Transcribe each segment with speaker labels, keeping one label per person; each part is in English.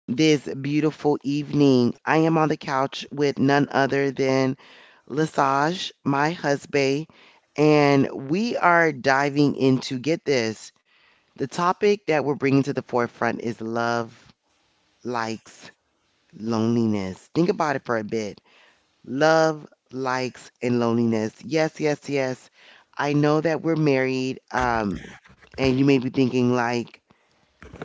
Speaker 1: this beautiful evening? I am on the couch with none other than Lesage, my husband, and we are diving into get this. The topic that we're bringing to the forefront is love likes loneliness. Think about it for a bit. Love likes and loneliness. Yes, yes, yes. I know that we're married, and you may be thinking like,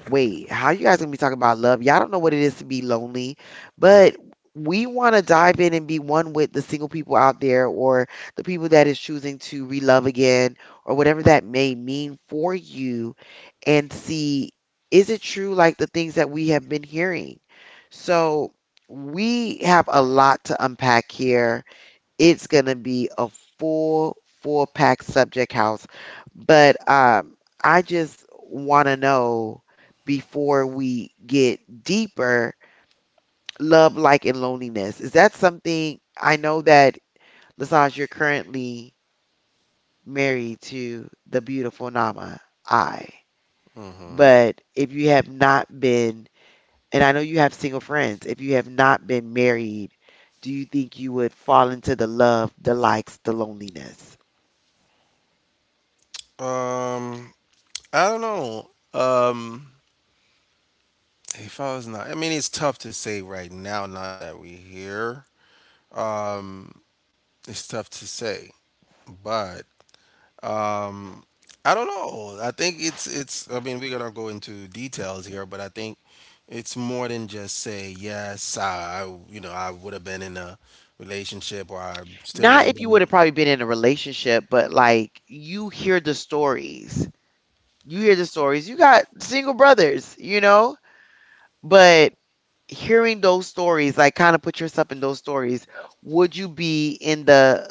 Speaker 1: wait, how you guys gonna be talking about love? Y'all don't know what it is to be lonely, but we want to dive in and be one with the single people out there or the people that is choosing to relove again or whatever that may mean for you and see is it true like the things that we have been hearing? So we have a lot to unpack here. It's gonna be a full 4 pack subject house, but I just want to know, before we get deeper, love like and loneliness, is that something? I know that Lasage, you're currently married to the beautiful Nama, I,
Speaker 2: Mm-hmm.
Speaker 1: but if you have not been, and I know you have single friends, if you have not been married, do you think you would fall into the love, the likes, the loneliness?
Speaker 2: Um, I don't know. If I was not, I mean, it's tough to say right now. Now that we're here, um, it's tough to say. But um, I don't know. I think it's. I mean, we're gonna go into details here, but I think it's more than just say yes. I would have been in a relationship, or I still would
Speaker 1: Not
Speaker 2: have
Speaker 1: if you would
Speaker 2: been.
Speaker 1: have probably been in a relationship, but like you hear the stories. You hear the stories. You got single brothers, you know? But hearing those stories, like kind of put yourself in those stories, would you be in the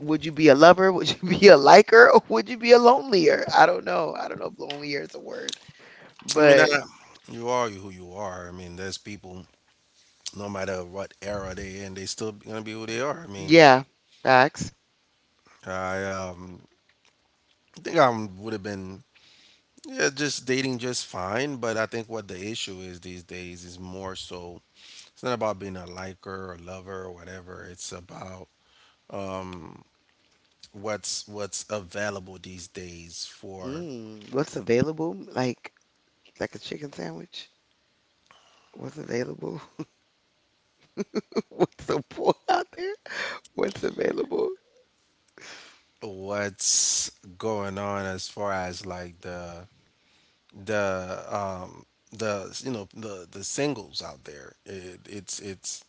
Speaker 1: would you be a lover? Would you be a liker? Or would you be a lonelier? I don't know. I don't know if lonelier is a word.
Speaker 2: I mean,
Speaker 1: But
Speaker 2: you are who you are. I mean, there's people no matter what era they in, they still gonna be who they are. I mean,
Speaker 1: yeah, facts.
Speaker 2: I think I would have been, yeah, just dating just fine, but I think what the issue is these days is more so it's not about being a liker or lover or whatever. It's about um what's available these days for
Speaker 1: Mm, what's available? Like a chicken sandwich? What's available? What's the pull out there? What's available.
Speaker 2: what's going on as far as like the um the singles out there, it,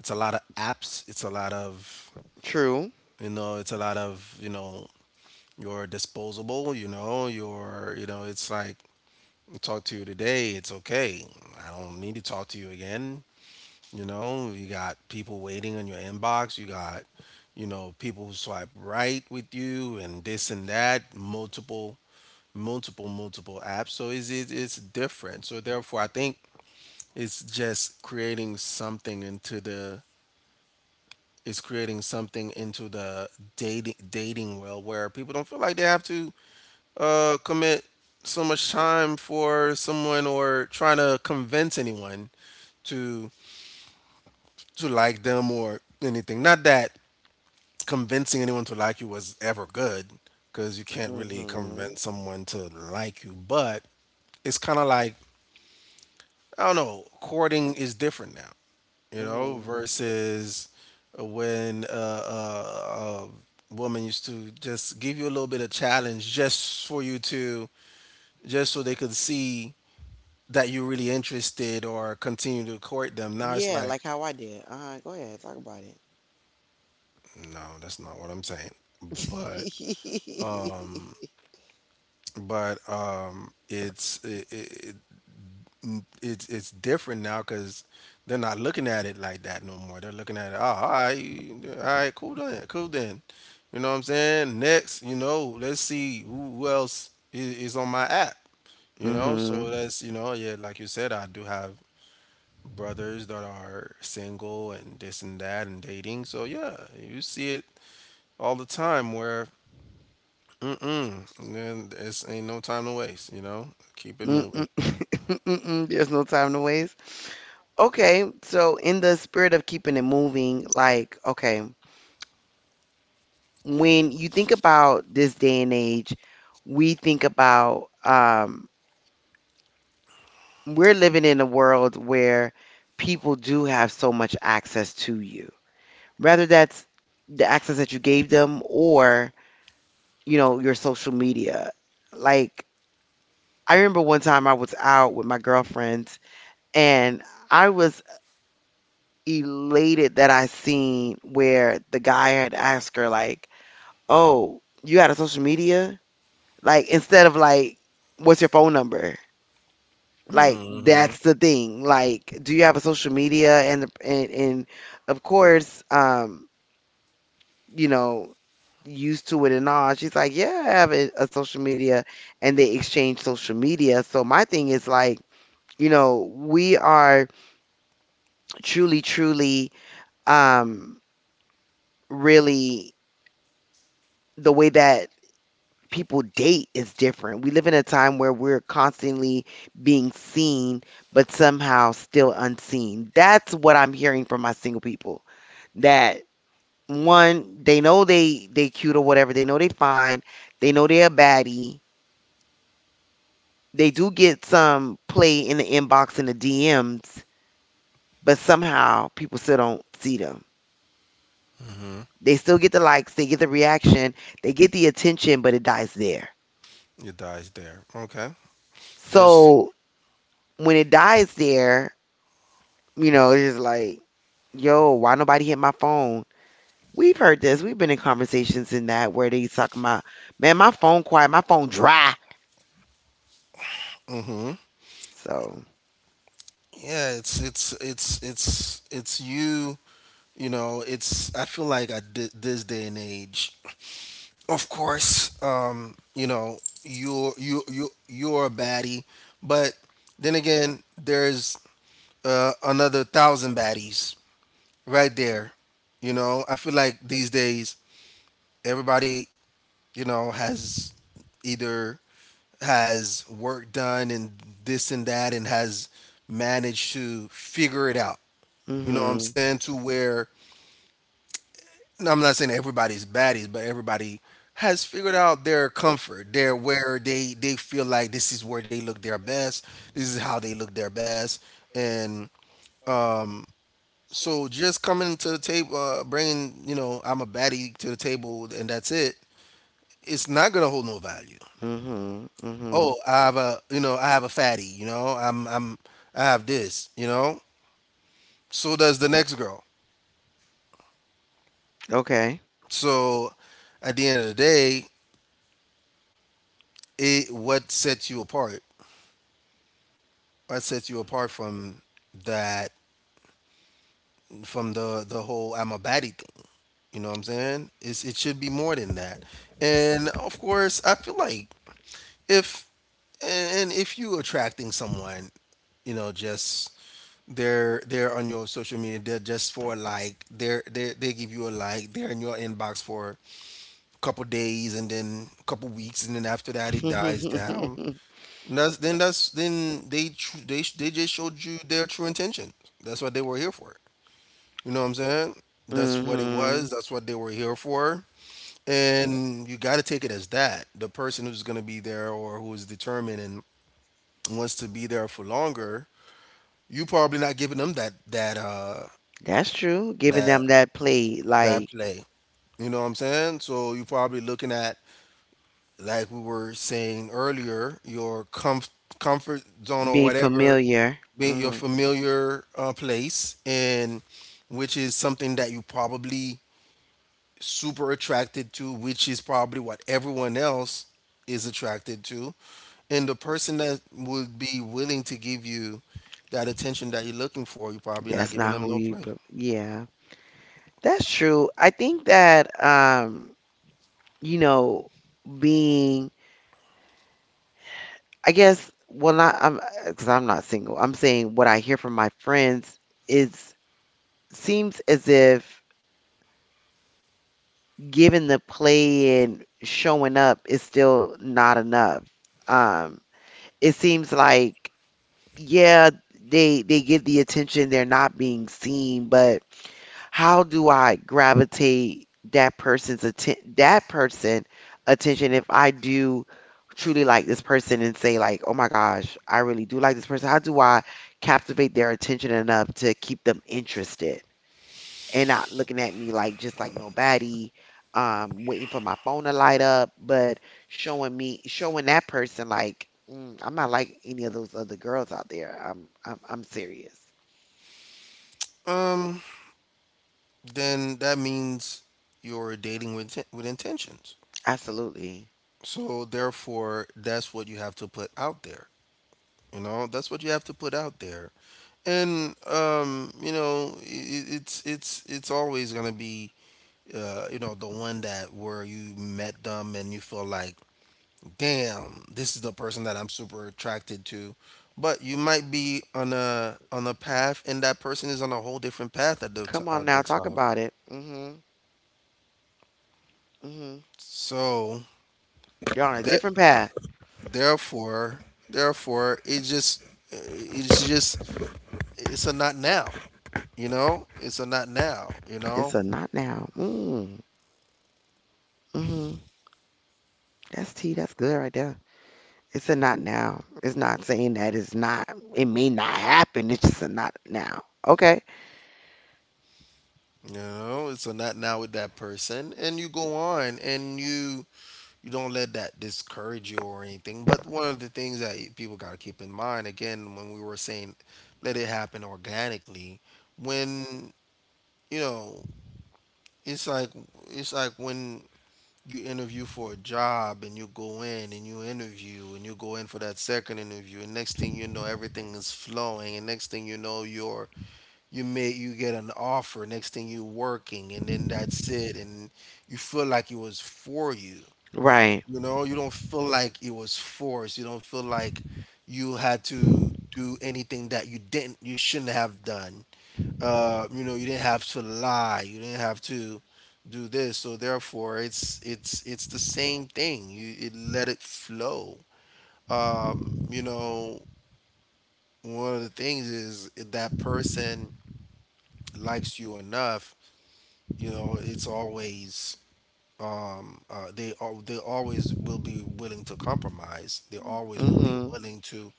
Speaker 2: it's a lot of apps, it's a lot of,
Speaker 1: True.
Speaker 2: it's a lot of, you're disposable, you're, it's like I talk to you today, it's okay, I don't need to talk to you again. You got people waiting in your inbox, you got, people who swipe right with you and this and that, multiple multiple multiple apps, so it's different. So therefore I think it's just creating something into the, is creating something into the dating world, where people don't feel like they have to commit so much time for someone, or trying to convince anyone to like them or anything. Not that convincing anyone to like you was ever good, because you can't really
Speaker 1: Mhm.
Speaker 2: convince someone to like you, but it's kind of like I don't know. Courting is different now, you know,
Speaker 1: Mhm.
Speaker 2: versus when a woman used to just give you a little bit of challenge, just for you to, just so they could see that you're really interested or continue to court them. Now it's
Speaker 1: Yeah,
Speaker 2: like,
Speaker 1: like how I did. Go ahead, talk about it.
Speaker 2: no, that's not what I'm saying. But but it's it, it, n- it's different now because they're not looking at it like that no more. They're looking at it, oh, all right, cool then, cool then. You know what I'm saying? Next, let's see who else is on my app.
Speaker 1: Mhm.
Speaker 2: So that's, yeah, like you said, I do have brothers that are single and this and that and dating. So yeah, you see it all the time where, mm-mm, then it's ain't no time to waste. Keep it
Speaker 1: Mm-mm.
Speaker 2: moving.
Speaker 1: Mm-mm. There's no time to waste. Okay, so in the spirit of keeping it moving, like, okay, when you think about this day and age, we think about, we're living in a world where people do have so much access to you, whether that's the access that you gave them or, you know, your social media. Like, I remember one time I was out with my girlfriends and I was elated that I seen where the guy had asked her, like, oh, you got a social media? Like, instead of like, what's your phone number? Like
Speaker 2: Hmm.
Speaker 1: that's the thing. Like, do you have a social media? And of course, you know, used to it and all. She's like, yeah, I have a social media, and they exchange social media. So my thing is like, you know, we are truly, truly, um, really, the way that people date is different. We live in a time where we're constantly being seen, but somehow still unseen. That's what I'm hearing from my single people. That one, they know they cute or whatever. They know they fine. They know they're a baddie. They do get some play in the inbox and the DMs, but somehow people still don't see them. They still get the likes, they get the reaction, they get the attention, but it dies there.
Speaker 2: It dies there. Okay. Just,
Speaker 1: So when it dies there, you know, it's just like, yo, why nobody hit my phone? We've heard this. We've been in conversations in that where they talking about, man, my phone quiet, my phone dry.
Speaker 2: Mm-hmm.
Speaker 1: So,
Speaker 2: Yeah. It's you. You know. It's. I feel like at this day and age, of course. You know. You're you you you're a baddie, but then again, there's another thousand baddies right there. I feel like these days, everybody, you know, has either has work done and this and that, and has managed to figure it out.
Speaker 1: mm
Speaker 2: You know what I'm
Speaker 1: mhm,
Speaker 2: saying? To where no, I'm not saying everybody's baddies, but everybody has figured out their comfort, their, where they feel like this is where they look their best. This is how they look their best. And um, so just coming to the table, bringing, I'm a baddie to the table, and that's it. It's not gonna hold no value.
Speaker 1: mm mhm, mm mhm.
Speaker 2: Oh, I have a fatty, I have this, so does the next girl.
Speaker 1: Okay.
Speaker 2: So at the end of the day, it what sets you apart from that, from the whole I'm a baddie thing. You know what I'm saying? It should be more than that. And of course I feel like, if and if you attracting someone, just they're on your social media, they're just for a like, they give you a like, they're in your inbox for a couple days, and then a couple weeks, and then after that it dies down.
Speaker 1: Mm
Speaker 2: And that's then they tr- they sh- they just showed you their true intention. That's what they were here for. You know what I'm saying? That's what it was.
Speaker 1: mhm.
Speaker 2: That's what they were here for. And you got to take it as that: the person who's going to be there or who is determined and wants to be there for longer, you probably not giving them
Speaker 1: That's true. Giving
Speaker 2: that
Speaker 1: them that play,
Speaker 2: that
Speaker 1: like
Speaker 2: play. You know what I'm saying? So you're probably looking at, like we were saying earlier, your comfort zone or
Speaker 1: being
Speaker 2: whatever,
Speaker 1: familiar. Mm
Speaker 2: being your
Speaker 1: mhm.
Speaker 2: familiar place, and which is something that you probably super attracted to, which is probably what everyone else is attracted to. And the person that would be willing to give you that attention that you're looking for, you're probably not
Speaker 1: That's
Speaker 2: giving
Speaker 1: not
Speaker 2: them
Speaker 1: who
Speaker 2: no
Speaker 1: you,
Speaker 2: play.
Speaker 1: but yeah, that's true. I think that, you know, being, I guess, well, not, I'm, because I'm not single. I'm saying what I hear from my friends is seems as if giving the play and showing up is still not enough. Um, it seems like yeah, they get the attention, they're not being seen, but how do I gravitate that person attention if I do truly like this person and say like, "Oh my gosh, I really do like this person." How do I captivate their attention enough to keep them interested? And not looking at me like just like nobody, waiting for my phone to light up, but showing that person like mm, I'm not like any of those other girls out there. I'm I'm serious.
Speaker 2: Um, then that means you're dating with intentions.
Speaker 1: Absolutely.
Speaker 2: So therefore, that's what you have to put out there. That's what you have to put out there. And it's always gonna be the one that, where you met them and you feel like, damn, this is the person that I'm super attracted to. But you might be on a path, and that person is on a whole different path at the t-
Speaker 1: Come on
Speaker 2: at
Speaker 1: now,
Speaker 2: the
Speaker 1: talk
Speaker 2: time.
Speaker 1: about it. Mhm. Mhm.
Speaker 2: So
Speaker 1: You're on a
Speaker 2: that
Speaker 1: different path.
Speaker 2: Therefore, therefore, it's just, it's a not now. It's a not now.
Speaker 1: It's a not now. Mm. Mhm. That's tea. That's good right there. It's a not now. It's not saying that it's not. It may not happen. It's just a not now. Okay.
Speaker 2: It's a not now with that person, and you go on, and you don't let that discourage you or anything. But one of the things that people gotta keep in mind, again, when we were saying, let it happen organically, when you know, it's like it's like when you interview for a job, and you go in, and you interview, and you go in for that second interview, and next thing you know everything is flowing, and next thing you know you're you may you get an offer, next thing you are working, and then that's it. And you feel like it was for you.
Speaker 1: Right.
Speaker 2: You know You don't feel like it was forced, you don't feel like you had to do anything that you shouldn't have done. You didn't have to lie, you didn't have to do this. So therefore, it's the same thing, let it flow. um, you know One of the things is, if that person likes you enough, it's always, they always will be willing to compromise, they always will be
Speaker 1: Hmm.
Speaker 2: willing to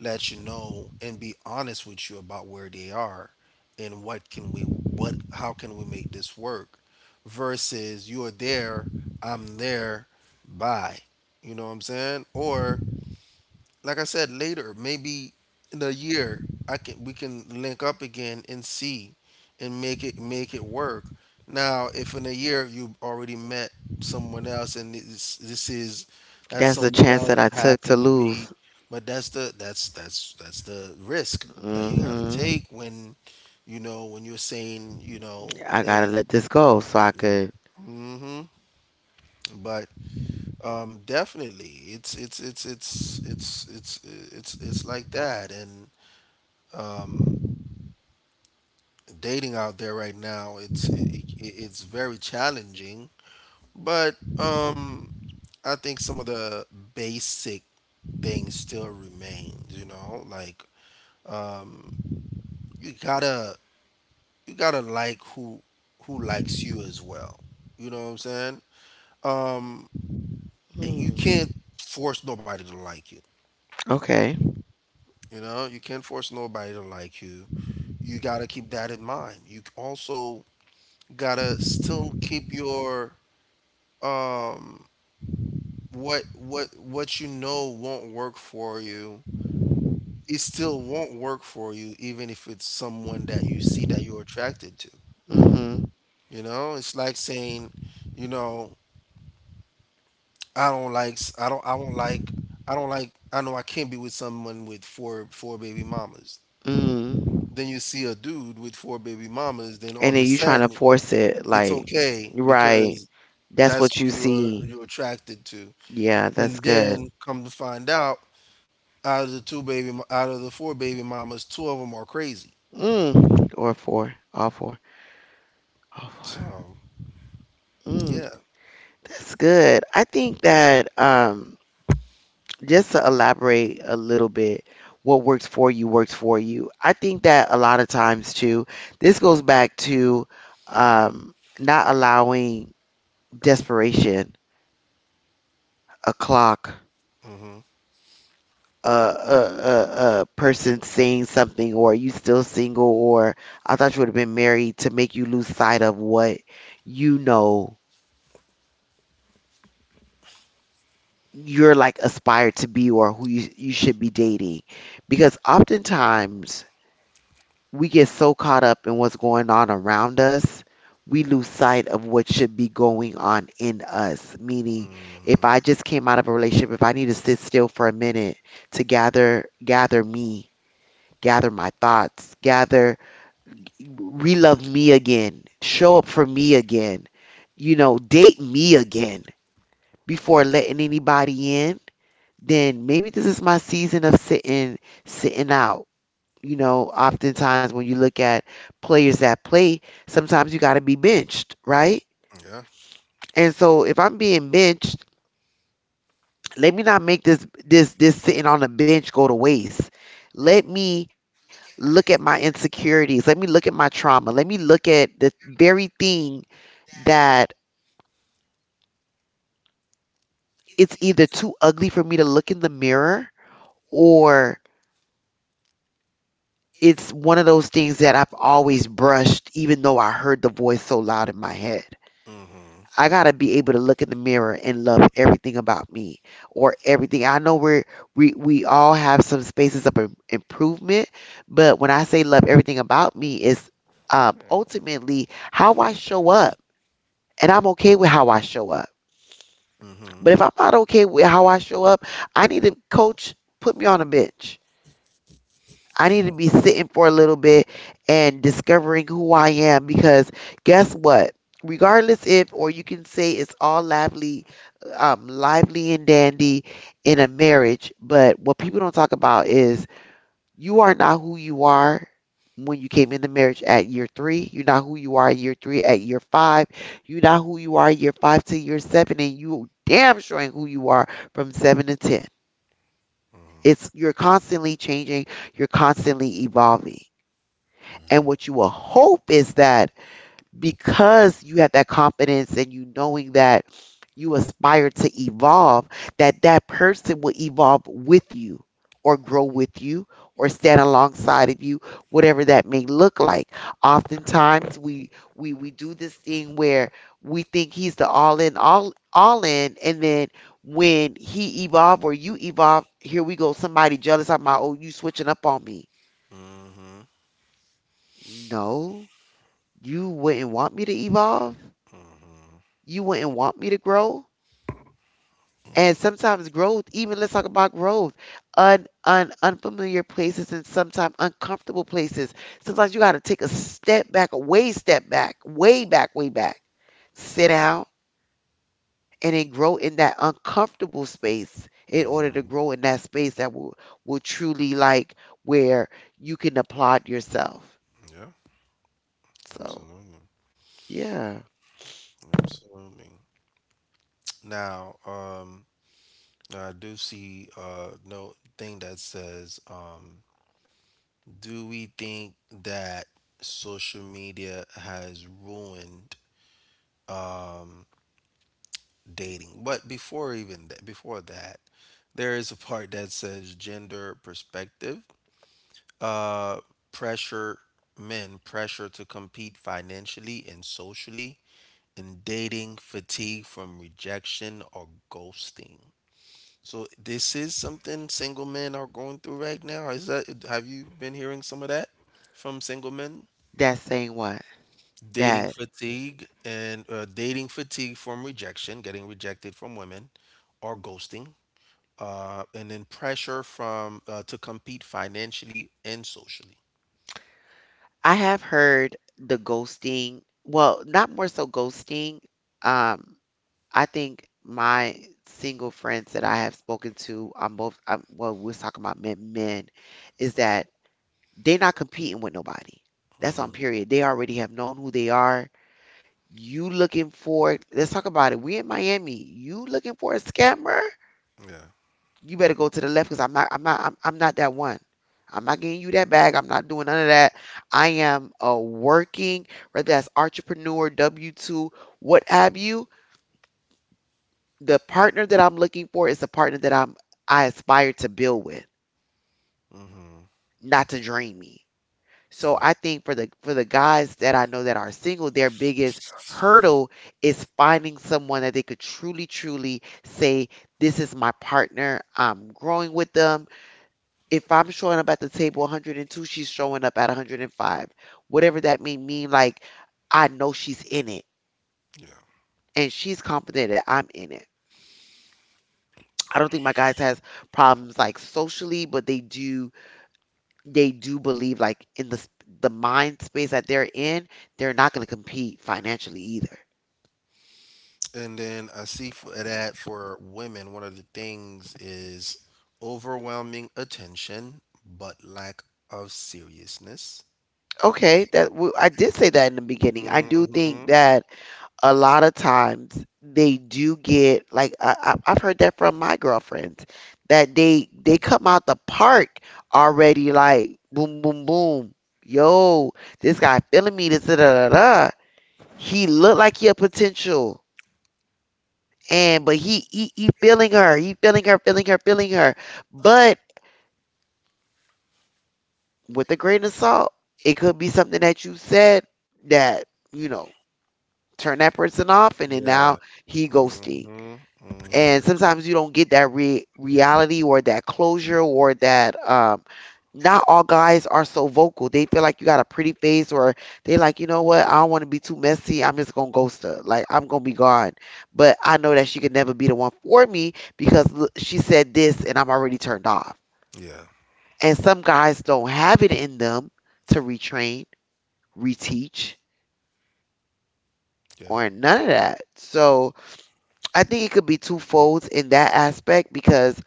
Speaker 2: let you know and be honest with you about where they are, and what can we what how can we make this work? Versus you're there, I'm there, bye. You know what I'm saying? Or, like I said, later, maybe in a year, I can we can link up again and see and make it work. Now, if in a year you already met someone else, and this is, that
Speaker 1: That's the
Speaker 2: someone
Speaker 1: chance
Speaker 2: else
Speaker 1: that I took to
Speaker 2: happened to be,
Speaker 1: lose.
Speaker 2: but that's the risk that you got to
Speaker 1: Hmm.
Speaker 2: take when you're saying,
Speaker 1: I gotta
Speaker 2: hey.
Speaker 1: let this go so I could.
Speaker 2: Mm-hmm. But definitely, it's it's it's it's it's it's it's like that. And um, dating out there right now, it's very challenging. But I think some of the basic things still remains. Like, um, you gotta you gotta like who likes you as well. You know what I'm saying? Um, and you
Speaker 1: Mm.
Speaker 2: can't force nobody to like you.
Speaker 1: Okay.
Speaker 2: You can't force nobody to like you. You gotta keep that in mind. You also gotta still keep your um what you know won't work for you, it still won't work for you, even if it's someone that you see that you're attracted to.
Speaker 1: Hmm.
Speaker 2: It's like saying, you know I don't like s- I don't I don't I know I can't be with someone with four baby mamas.
Speaker 1: Hmm.
Speaker 2: Then you see a dude with four baby mamas, then all
Speaker 1: And
Speaker 2: of
Speaker 1: then
Speaker 2: a
Speaker 1: you trying to
Speaker 2: sudden
Speaker 1: force it,
Speaker 2: it's
Speaker 1: like,
Speaker 2: okay,
Speaker 1: right?
Speaker 2: because
Speaker 1: That's
Speaker 2: that's
Speaker 1: what
Speaker 2: who
Speaker 1: you
Speaker 2: you're
Speaker 1: see.
Speaker 2: you're attracted to.
Speaker 1: Yeah, that's
Speaker 2: And
Speaker 1: good.
Speaker 2: then come to find out, out of the two baby, mo- out of the four baby mamas, two of them are crazy.
Speaker 1: Mm, or four, all four, all four.
Speaker 2: So
Speaker 1: Mm,
Speaker 2: yeah.
Speaker 1: that's good. I think that just to elaborate a little bit, what works for you works for you. I think that a lot of times too, this goes back to not allowing desperation, a clock,
Speaker 2: Hmm.
Speaker 1: a person saying something, or you still single, or I thought you would have been married to make you lose sight of what, you know, you're like aspired to be or who you, you should be dating, because oftentimes we get so caught up in what's going on around us, we lose sight of what should be going on in us. Meaning,
Speaker 2: Mm.
Speaker 1: if I just came out of a relationship, if I need to sit still for a minute to gather me, gather my thoughts, gather, relove me again, show up for me again, you know, date me again before letting anybody in, then maybe this is my season of sitting, sitting out. You know, oftentimes when you look at players that play, sometimes you got to be benched, right?
Speaker 2: Yeah.
Speaker 1: And so if I'm being benched, let me not make this sitting on the bench go to waste. Let me look at my insecurities. Let me look at my trauma. Let me look at the very thing that it's either too ugly for me to look in the mirror or. It's one of those things that I've always brushed, even though I heard the voice so loud in my head.
Speaker 2: Hmm.
Speaker 1: I gotta be able to look in the mirror and love everything about me or everything. I know we all have some spaces of improvement, but when I say love everything about me, it's ultimately how I show up, and I'm okay with how I show up.
Speaker 2: Hmm.
Speaker 1: But if I'm not okay with how I show up, I need a coach, put me on a bench, I need to
Speaker 2: Yeah.
Speaker 1: be sitting for a little bit and discovering who I am because guess what? Regardless if, or you can say it's all lively, lively and dandy in a marriage, but what people don't talk about is you are not who you are when you came into marriage at year three. You're not who you are at year three, at year five. You're not who you are year five to year seven, and you damn sure ain't who you are from seven to ten.
Speaker 2: Hmm.
Speaker 1: It's you're constantly changing, you're constantly evolving. And what you will hope is that because you have that confidence and you knowing that you aspire to evolve, that that person will evolve with you or grow with you or stand alongside of you, whatever that may look like. Oftentimes we do this thing where we think he's the all in and then when he evolve or you evolve, here we go, somebody jealous. I'm like, oh, you switching up on me.
Speaker 2: Hmm.
Speaker 1: No, you wouldn't want me to evolve.
Speaker 2: Hmm.
Speaker 1: You wouldn't want me to grow. And sometimes growth, even let's talk about growth, un, un unfamiliar places and sometimes uncomfortable places. Sometimes you got to take a step back, a way step back, way back, way back. Sit down and then grow in that uncomfortable space in order to
Speaker 2: Hmm.
Speaker 1: grow in that space that will truly like where you can applaud yourself.
Speaker 2: Yeah.
Speaker 1: So
Speaker 2: Absolutely,
Speaker 1: yeah,
Speaker 2: absolutely. Now, I do see no thing that says, do we think that social media has ruined um dating. But before even that, before that, there is a part that says gender perspective. Uh, pressure men, pressure to compete financially and socially, and dating fatigue from rejection or ghosting. So this is something single men are going through right now. Is that have you been hearing some of that from single men?
Speaker 1: that's saying what
Speaker 2: Dating
Speaker 1: that.
Speaker 2: fatigue and dating fatigue from rejection, getting rejected from women, or ghosting, and then pressure from to compete financially and socially.
Speaker 1: I have heard the ghosting, well, not more so ghosting. Um, I think my single friends that I have spoken to, I'm both, well, we're talking about men, men, is that they're not competing with nobody. That's on
Speaker 2: hmm
Speaker 1: period. They already have known who they are. You looking for, let's talk about it. We in Miami. You looking for a scammer?
Speaker 2: Yeah.
Speaker 1: You better go to the left because I'm not that one. I'm not getting you that bag. I'm not doing none of that. I am a working, whether that's entrepreneur, W two, what have you. The partner that I'm looking for is the partner that I aspire to build with,
Speaker 2: hmm
Speaker 1: not to drain me. So I
Speaker 2: Yeah.
Speaker 1: think for the guys that I know that are single, their biggest hurdle is finding someone that they could truly, truly say, this is my partner. I'm growing with them. If I'm showing up at the table 102, she's showing up at 105. Whatever that may mean, like, I know she's in it
Speaker 2: Yeah.
Speaker 1: and she's confident that I'm in it. I don't think my guys has problems like socially, but they do believe like in the mind space that they're in, they're not going to compete financially either.
Speaker 2: And then I see for that for women, one of the things is overwhelming attention, but lack of seriousness.
Speaker 1: Okay, I did say that in the beginning. I do think
Speaker 2: Mm-hmm.
Speaker 1: that a lot of times they do get like I've heard that from my girlfriends that they come out the park already like boom boom boom, yo, this guy feeling me, this da da da da, he look like he a potential, and but he feeling her, he feeling her, but with a grain of salt, it could be something that you said that, you know turn that person off, and then now
Speaker 2: Yeah.
Speaker 1: he ghosting.
Speaker 2: Mm-hmm.
Speaker 1: And
Speaker 2: Mm-hmm.
Speaker 1: sometimes you don't get that reality or that closure or that not all guys are so vocal. They feel like you got a pretty face, or they like, you know what, I don't want to be too messy, I'm just gonna ghost her, like I'm gonna be gone. But I know that she could never be the one for me because she said this and I'm already turned off.
Speaker 2: Yeah.
Speaker 1: And some guys don't have it in them to retrain, reteach,
Speaker 2: Yeah.
Speaker 1: or none of that. So I think it could be twofold in that aspect because,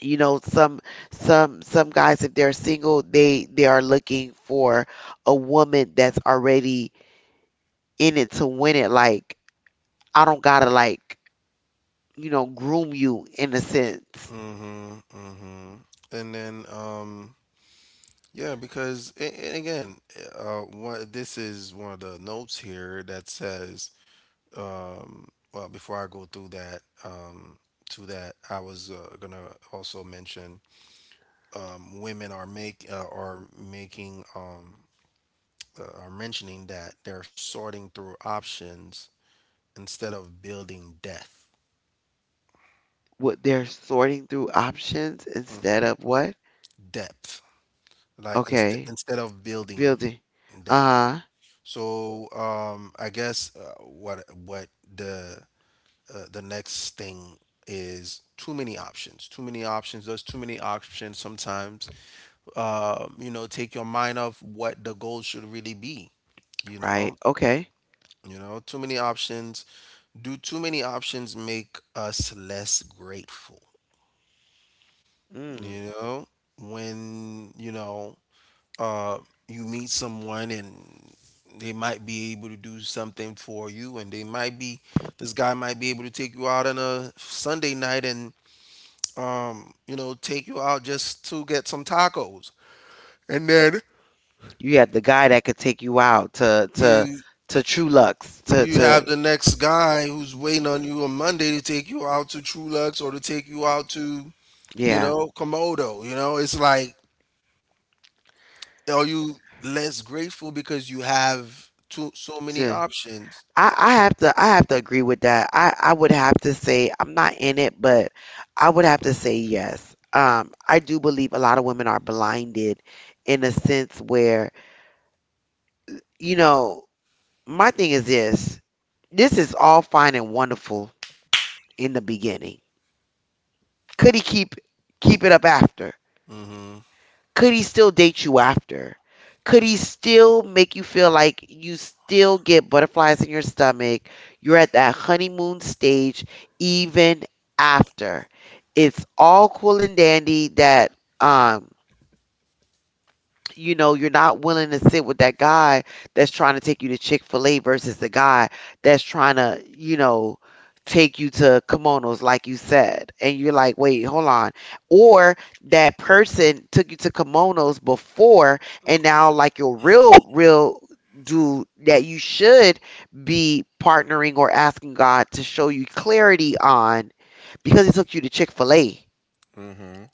Speaker 1: you know, some guys, if they're single, they are looking for a woman that's already in it to win it. Like, I don't gotta, like, you know, groom you in a sense.
Speaker 2: Mm-hmm. Mm-hmm. And then Yeah, and again, what this is one of the notes here that says, well, before I go through that, to that, I was gonna also mention, women are making are mentioning that they're sorting through options instead of building depth,
Speaker 1: What, they're sorting through options
Speaker 2: mm,
Speaker 1: instead of what?
Speaker 2: depth, like instead
Speaker 1: Okay,
Speaker 2: instead of building
Speaker 1: building.
Speaker 2: depth.
Speaker 1: Uh huh.
Speaker 2: So I guess what the the next thing is too many options. Too many options. There's too many options sometimes. You know, take your mind off what the goal should really be. You
Speaker 1: Right,
Speaker 2: know,
Speaker 1: okay.
Speaker 2: you know, too many options. Do too many options make us less grateful?
Speaker 1: Mm.
Speaker 2: You know, when you know, uh, you meet someone and they might be able to do something for you, and they might be, this guy might be able to take you out on a Sunday night and you know, take you out just to get some tacos. And then
Speaker 1: You had the guy that could take you out to to
Speaker 2: you
Speaker 1: to True Lux, to
Speaker 2: you
Speaker 1: to
Speaker 2: have the next guy who's waiting on you on Monday to take you out to Trulux or to take you out to, you
Speaker 1: yeah.
Speaker 2: know, Komodo. You know, it's like are you less grateful because you have too so many options?
Speaker 1: I have to, I have to agree with that. I would have to say I'm not in it, but I would have to say yes. I do believe a lot of women are blinded in a sense where, you know, my thing is this. This is all fine and wonderful in the beginning. Could he keep it up after?
Speaker 2: Mm-hmm.
Speaker 1: Could he still date you after? Could he still make you feel like you still get butterflies in your stomach? You're at that honeymoon stage even after. It's all cool and dandy that, um you know, you're not willing to sit with that guy that's trying to take you to Chick fil A versus the guy that's trying to, you know, take you to kimonos, like you said. And you're like, wait, hold on. Or that person took you to kimonos before, and now, like, your real, real dude that you should be partnering or asking God to show you clarity on because he took you to Chick fil A.
Speaker 2: Mm-hmm.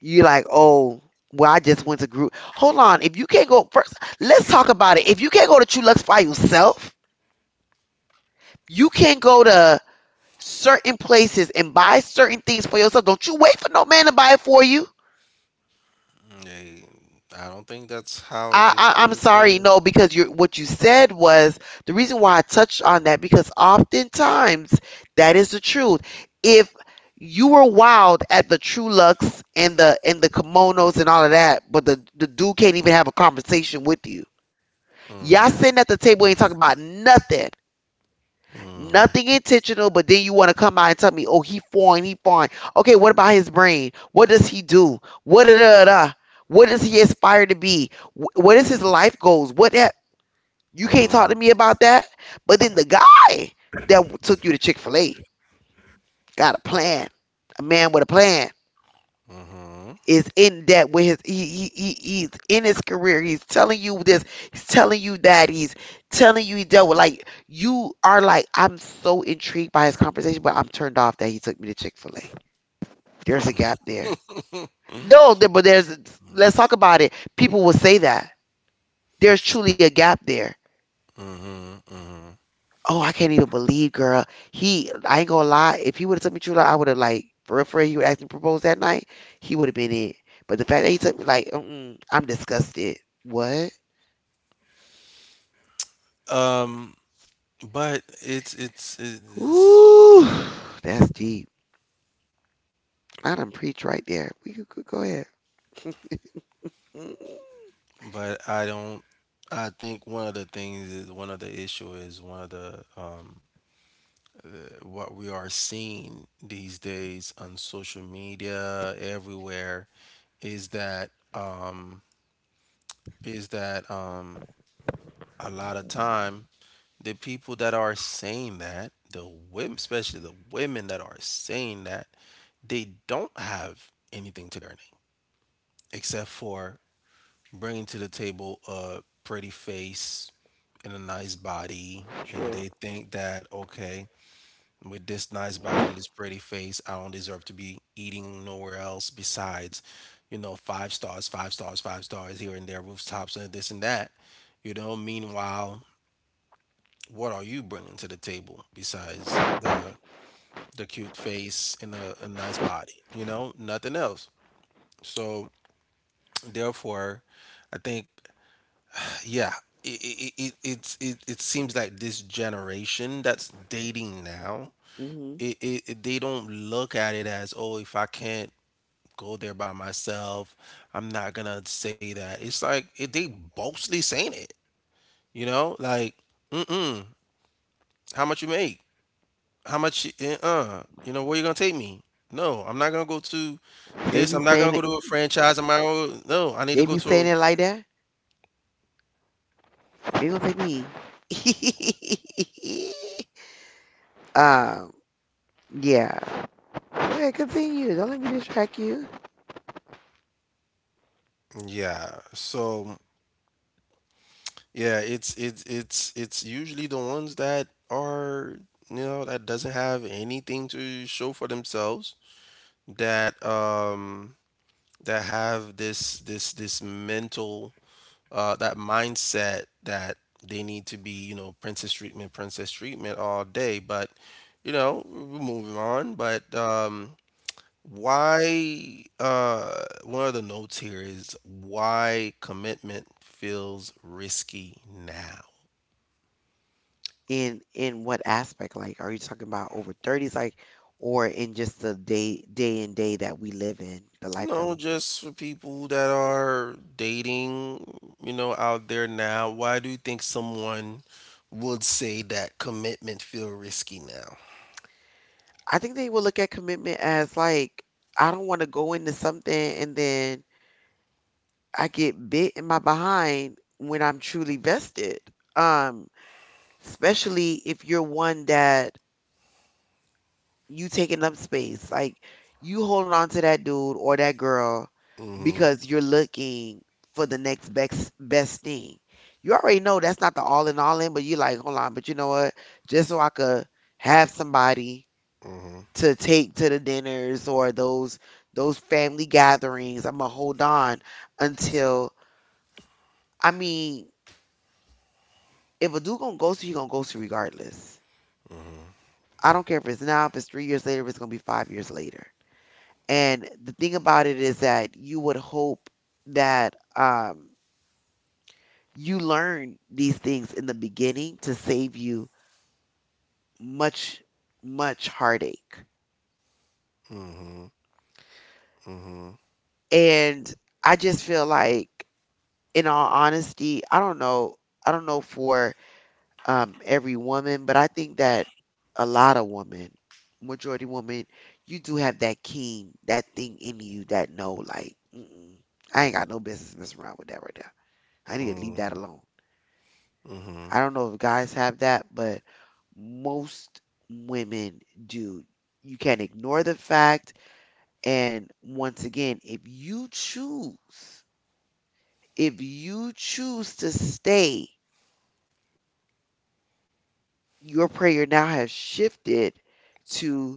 Speaker 1: You're like, oh, well, I just went to group. Hold on. If you can't go first, let's talk about it. If you can't go to True Lux by yourself, you can go to certain places and buy certain things for yourself. Don't you wait for no man to buy it for you.
Speaker 2: Yeah, I don't think that's how
Speaker 1: I, I
Speaker 2: this
Speaker 1: I'm
Speaker 2: thing
Speaker 1: sorry,
Speaker 2: is.
Speaker 1: no, because you, what you said was the reason why I touched on that, because oftentimes that is the truth. If you were wild at the true lux and the kimonos and all of that, but the dude can't even have a conversation with you.
Speaker 2: Mm-hmm.
Speaker 1: Y'all sitting at the table ain't talking about nothing. Nothing intentional, but then you want to come out and tell me, oh, he foreign, he foreign. Okay, what about his brain? What does he do? What da da da? What does he aspire to be? What is his life goals? What that? You can't
Speaker 2: Mm-hmm.
Speaker 1: talk to me about that. But then the guy that took you to Chick Fil A got a plan. A man with a plan. Is in debt with his, he's in his career, he's telling you this, he's telling you that, he's telling you he dealt with, like, you are like, I'm so intrigued by his conversation, but I'm turned off that he took me to Chick-fil-A. There's a gap there. no
Speaker 2: Mm-hmm.
Speaker 1: there- but there's let's talk about it, people will say that there's truly a gap there.
Speaker 2: Mhm, mhm.
Speaker 1: Oh, I can't even believe, girl. He i ain't gonna lie, if he would have took me to Chick-fil-A, I would have, like, for real, for real, he would ask me to propose that night. He would have been in. But the fact that he took me, like, mm-mm, I'm disgusted. What?
Speaker 2: Um, but it's
Speaker 1: Ooh, that's deep. I done preach right there. We could go ahead.
Speaker 2: but I don't, I think one of the things is one of the issue is one of the what we are seeing these days on social media everywhere is that um is that a lot of time the people that are saying that the women, especially the women that are saying that they don't have anything to their name except for bringing to the table a pretty face and a nice body, and
Speaker 1: True.
Speaker 2: they think that okay, with this nice body and this pretty face, I don't deserve to be eating nowhere else besides, you know, five stars, five stars, five stars here and there, rooftops and this and that. You know, meanwhile, what are you bringing to the table besides the cute face and a nice body? You know, nothing else. So therefore, I think yeah it seems like this generation that's dating now
Speaker 1: Mhm.
Speaker 2: it they don't look at it as oh if I can't go there by myself, I'm not gonna say that it's like it, they boastly saying it, you know, like mm-mm, how much you make, you know where you gonna take me? No, I'm not gonna go to
Speaker 1: They
Speaker 2: this,
Speaker 1: be
Speaker 2: I'm not gonna
Speaker 1: saying
Speaker 2: go
Speaker 1: it.
Speaker 2: to a franchise, I'm not gonna, no I need to
Speaker 1: They
Speaker 2: go
Speaker 1: be saying
Speaker 2: to
Speaker 1: it like that. They gonna take me. um. Yeah. Go ahead. Continue. Don't let me distract you.
Speaker 2: a, yeah so yeah, it's usually the ones that are, you know, that doesn't have anything to show for themselves that that have this mental that mindset that they need to be, you know, princess treatment, princess treatment all day. But you know we're moving on. But why one of the notes here is why commitment feels risky now.
Speaker 1: In what aspect? Like, are you talking about over thirties? Like, or in just the day day and day that we live in, the life that
Speaker 2: No,
Speaker 1: we.
Speaker 2: just for people that are dating, you know, out there now, why do you think someone would say that commitment feel risky now?
Speaker 1: I think they will look at commitment as like, I don't want to go into something and then I get bit in my behind when I'm truly vested. Um, especially if you're one that you taking up space, like, you holding on to that dude or that girl
Speaker 2: Mm-hmm.
Speaker 1: because you're looking for the next best thing. You already know that's not the all in, but you're like, hold on, but you know what? Just so I could have somebody
Speaker 2: Mm-hmm.
Speaker 1: to take to the dinners or those family gatherings. I'm gonna hold on until, I mean, if a dude gonna ghost you, he gonna ghost you regardless. I don't care if it's now, if it's 3 years later, if it's gonna be 5 years later. And the thing about it is that you would hope that, you learn these things in the beginning to save you much, much heartache.
Speaker 2: Mm-hmm. Mm-hmm.
Speaker 1: And I just feel like, in all honesty, I don't know. I don't know for, every woman, but I think that a lot of women, majority women, you do have that keen, that thing in you that know, like, mm-mm, I ain't got no business messing around with that right now. I need to leave
Speaker 2: Mm-hmm.
Speaker 1: that alone.
Speaker 2: Mm-hmm.
Speaker 1: I don't know if guys have that, but most women do. You can't ignore the fact. And once again, if you choose to stay, your prayer now has shifted to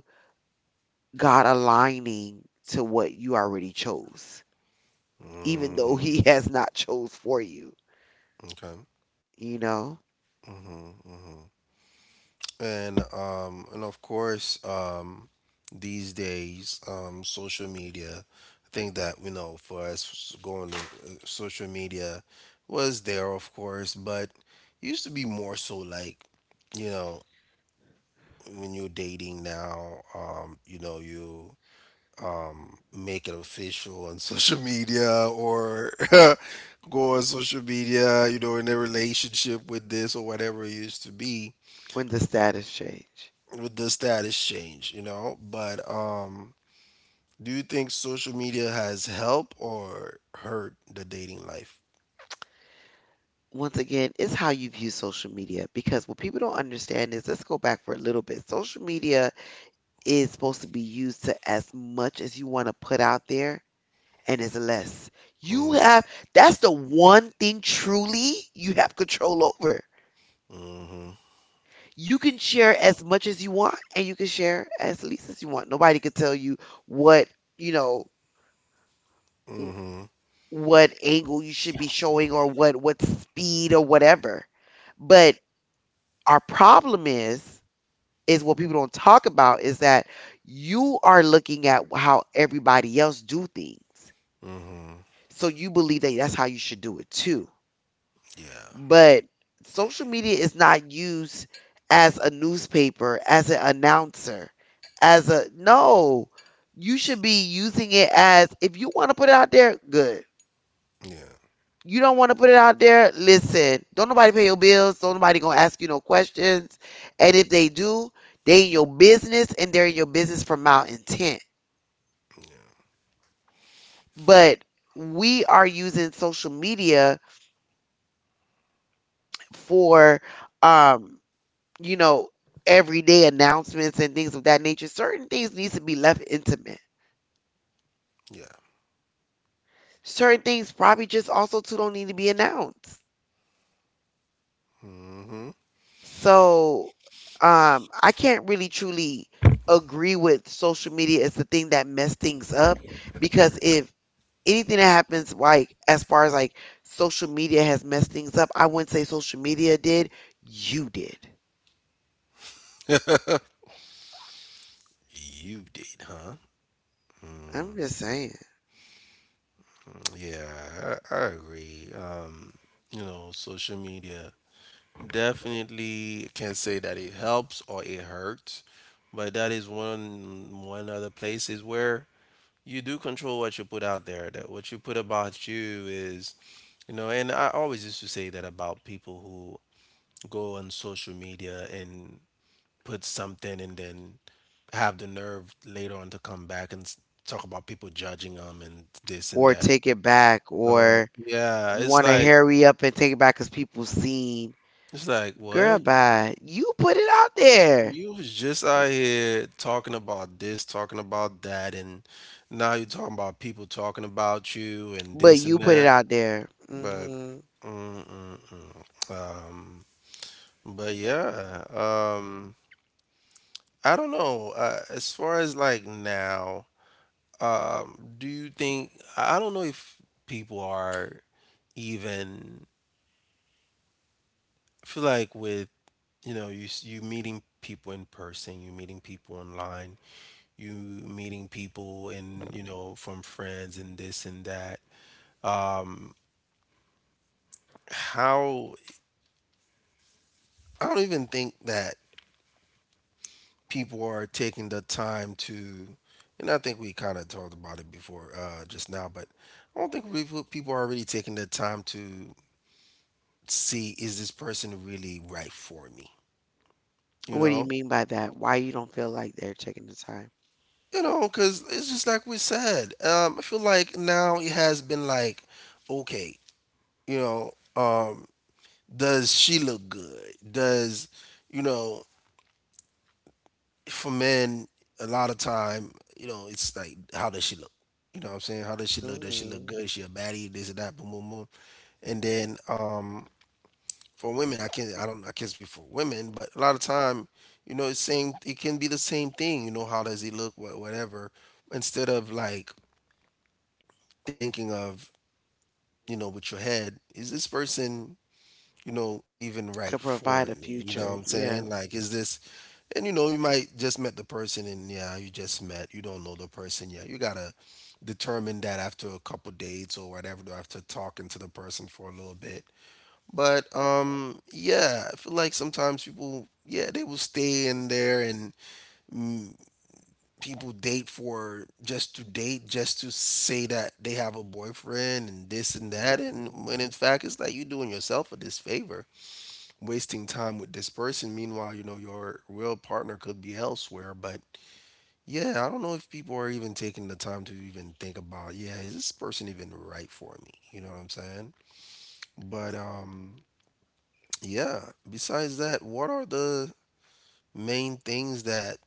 Speaker 1: God aligning to what you already chose, even though
Speaker 2: Mm-hmm.
Speaker 1: He has not chose for you,
Speaker 2: Okay.
Speaker 1: you know,
Speaker 2: Mm-hmm. Mm-hmm. And of course, these days, social media. I think that you know, for us going to social media, was there of course, but used to be more so like, you know, when you're dating now, you know, you make it official on social media or go on social media, you know, in a relationship with this or whatever it used to be.
Speaker 1: when the status change.
Speaker 2: With the status change, you know. But do you think social media has helped or hurt the dating life?
Speaker 1: Once again, it's how you view social media, because what people don't understand is, let's go back for a little bit. Social media is supposed to be used to as much as you want to put out there, and it's less. You
Speaker 2: Mm.
Speaker 1: have, that's the one thing truly you have control over.
Speaker 2: Mm-hmm.
Speaker 1: You can share as much as you want and you can share as least as you want. Nobody can tell you what, you know, w-
Speaker 2: Mm-hmm.
Speaker 1: what angle you should be showing, or what speed, or whatever. But our problem is what people don't talk about, is that you are looking at how everybody else do things,
Speaker 2: Mm-hmm.
Speaker 1: so you believe that that's how you should do it too.
Speaker 2: Yeah.
Speaker 1: But social media is not used as a newspaper, as an announcer, as a no. You should be using it as, if you want to put it out there, good.
Speaker 2: Yeah.
Speaker 1: You don't want to put it out there, listen. Don't nobody pay your bills. Don't nobody gonna ask you no questions. And if they do, they in your business, and they're in your business for malintent.
Speaker 2: Yeah.
Speaker 1: But we are using social media for, um you know, everyday announcements and things of that nature. Certain things needs to be left intimate.
Speaker 2: Yeah.
Speaker 1: Certain things probably just also too don't need to be announced.
Speaker 2: Mm-hmm.
Speaker 1: So, I can't really truly agree with social media as the thing that messed things up, because if anything that happens, like, as far as like social media has messed things up, I wouldn't say social media did, you did.
Speaker 2: You did, huh?
Speaker 1: I'm
Speaker 2: Mm.
Speaker 1: just saying.
Speaker 2: Yeah, I agree. You know, social media definitely can't say that it helps or it hurts, but that is one one other places where you do control what you put out there, that what you put about you is you know, and I always used to say that about people who go on social media and put something and then have the nerve later on to come back and s- talk about people judging them and this and
Speaker 1: Or
Speaker 2: that.
Speaker 1: take it back,
Speaker 2: So
Speaker 1: or
Speaker 2: yeah it's
Speaker 1: want to
Speaker 2: like,
Speaker 1: hurry up and take it back because people seen.
Speaker 2: it's like
Speaker 1: Girl,
Speaker 2: what,
Speaker 1: bye. You put it out there,
Speaker 2: you was just out here talking about this talking about that and now you're talking about people talking about you and
Speaker 1: but
Speaker 2: this
Speaker 1: you
Speaker 2: and
Speaker 1: put it
Speaker 2: that.
Speaker 1: out there.
Speaker 2: But
Speaker 1: Hmm.
Speaker 2: mm-mm-mm. um but yeah, I don't know. As far as like now, do you think, I don't know if people are even, I feel like with you know you s- you meeting people in person, you meeting people online, you meeting people and you know from friends and this and that. Um how, I don't even think that people are taking the time to, and I think we kind of talked about it before just now, but I don't think we- people are really taking the time to see, is this person really right for me? You
Speaker 1: What do you
Speaker 2: know,
Speaker 1: mean by that? Why you don't feel like they're taking the time?
Speaker 2: you know, because it's just like we said. I feel like now it has been like, okay, you know, does she look good? Does you know, for men, a lot of time, you know, it's like, how does she look? You know what I'm saying? How does she look? Does she
Speaker 1: Hmm.
Speaker 2: look good? Is she a baddie? This and that, boom, boom, boom. And then for women, I can't, I don't, I can't speak for women, but a lot of time, you know, it's same. It can be the same thing. You know, how does he look? What, whatever. Instead of like thinking of, you know, with your head, is this person, you know, even right
Speaker 1: Could
Speaker 2: for
Speaker 1: provide a
Speaker 2: me. You know what
Speaker 1: future.
Speaker 2: I'm
Speaker 1: Yeah.
Speaker 2: saying? Like, is this, and you know, you might just met the person and yeah, you just met, you don't know the person yet. You gotta determine that after a couple dates or whatever, after talking to the person for a little bit. But yeah, I feel like sometimes people, yeah, they will stay in there and people date for just to date, just to say that they have a boyfriend and this and that, and
Speaker 1: Mhm.
Speaker 2: when in fact it's like you doing yourself a disfavor wasting time with this person. Meanwhile, you know, your real partner could be elsewhere. But yeah, I don't know if people are even taking the time to even think about, yeah, is this person even right for me? You know what I'm saying? But yeah, besides that, what are the main things that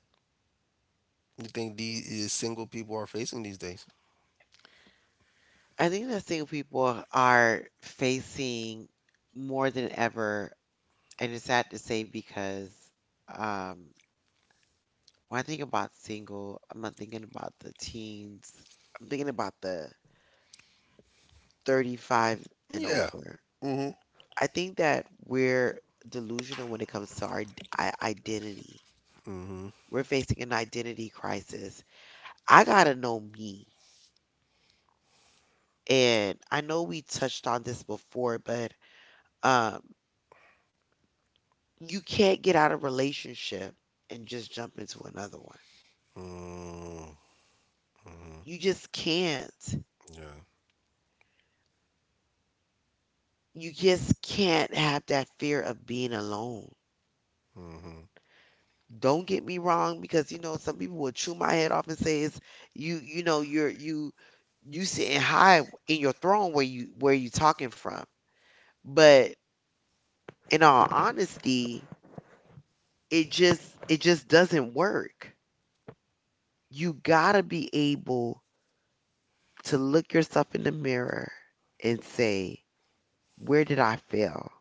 Speaker 2: you think these single people are facing these days?
Speaker 1: I think the thing people are facing more than ever. And it's sad to say because um, when I think about single, I'm not thinking about the teens. I'm thinking about the 35 and
Speaker 2: Yeah.
Speaker 1: over.
Speaker 2: Mm-hmm.
Speaker 1: I think that we're delusional when it comes to our identity.
Speaker 2: Mm-hmm.
Speaker 1: We're facing an identity crisis. I gotta know me. And I know we touched on this before, but um, you can't get out of relationship and just jump into another one.
Speaker 2: Mm-hmm. Mm-hmm.
Speaker 1: You just can't.
Speaker 2: Yeah.
Speaker 1: You just can't have that fear of being alone.
Speaker 2: Mm-hmm.
Speaker 1: Don't get me wrong, because you know some people will chew my head off and say it's you. You know you're you sitting high in your throne where you talking from. But in all honesty, it just doesn't work. You gotta be able to look yourself in the mirror and say, where did I fail?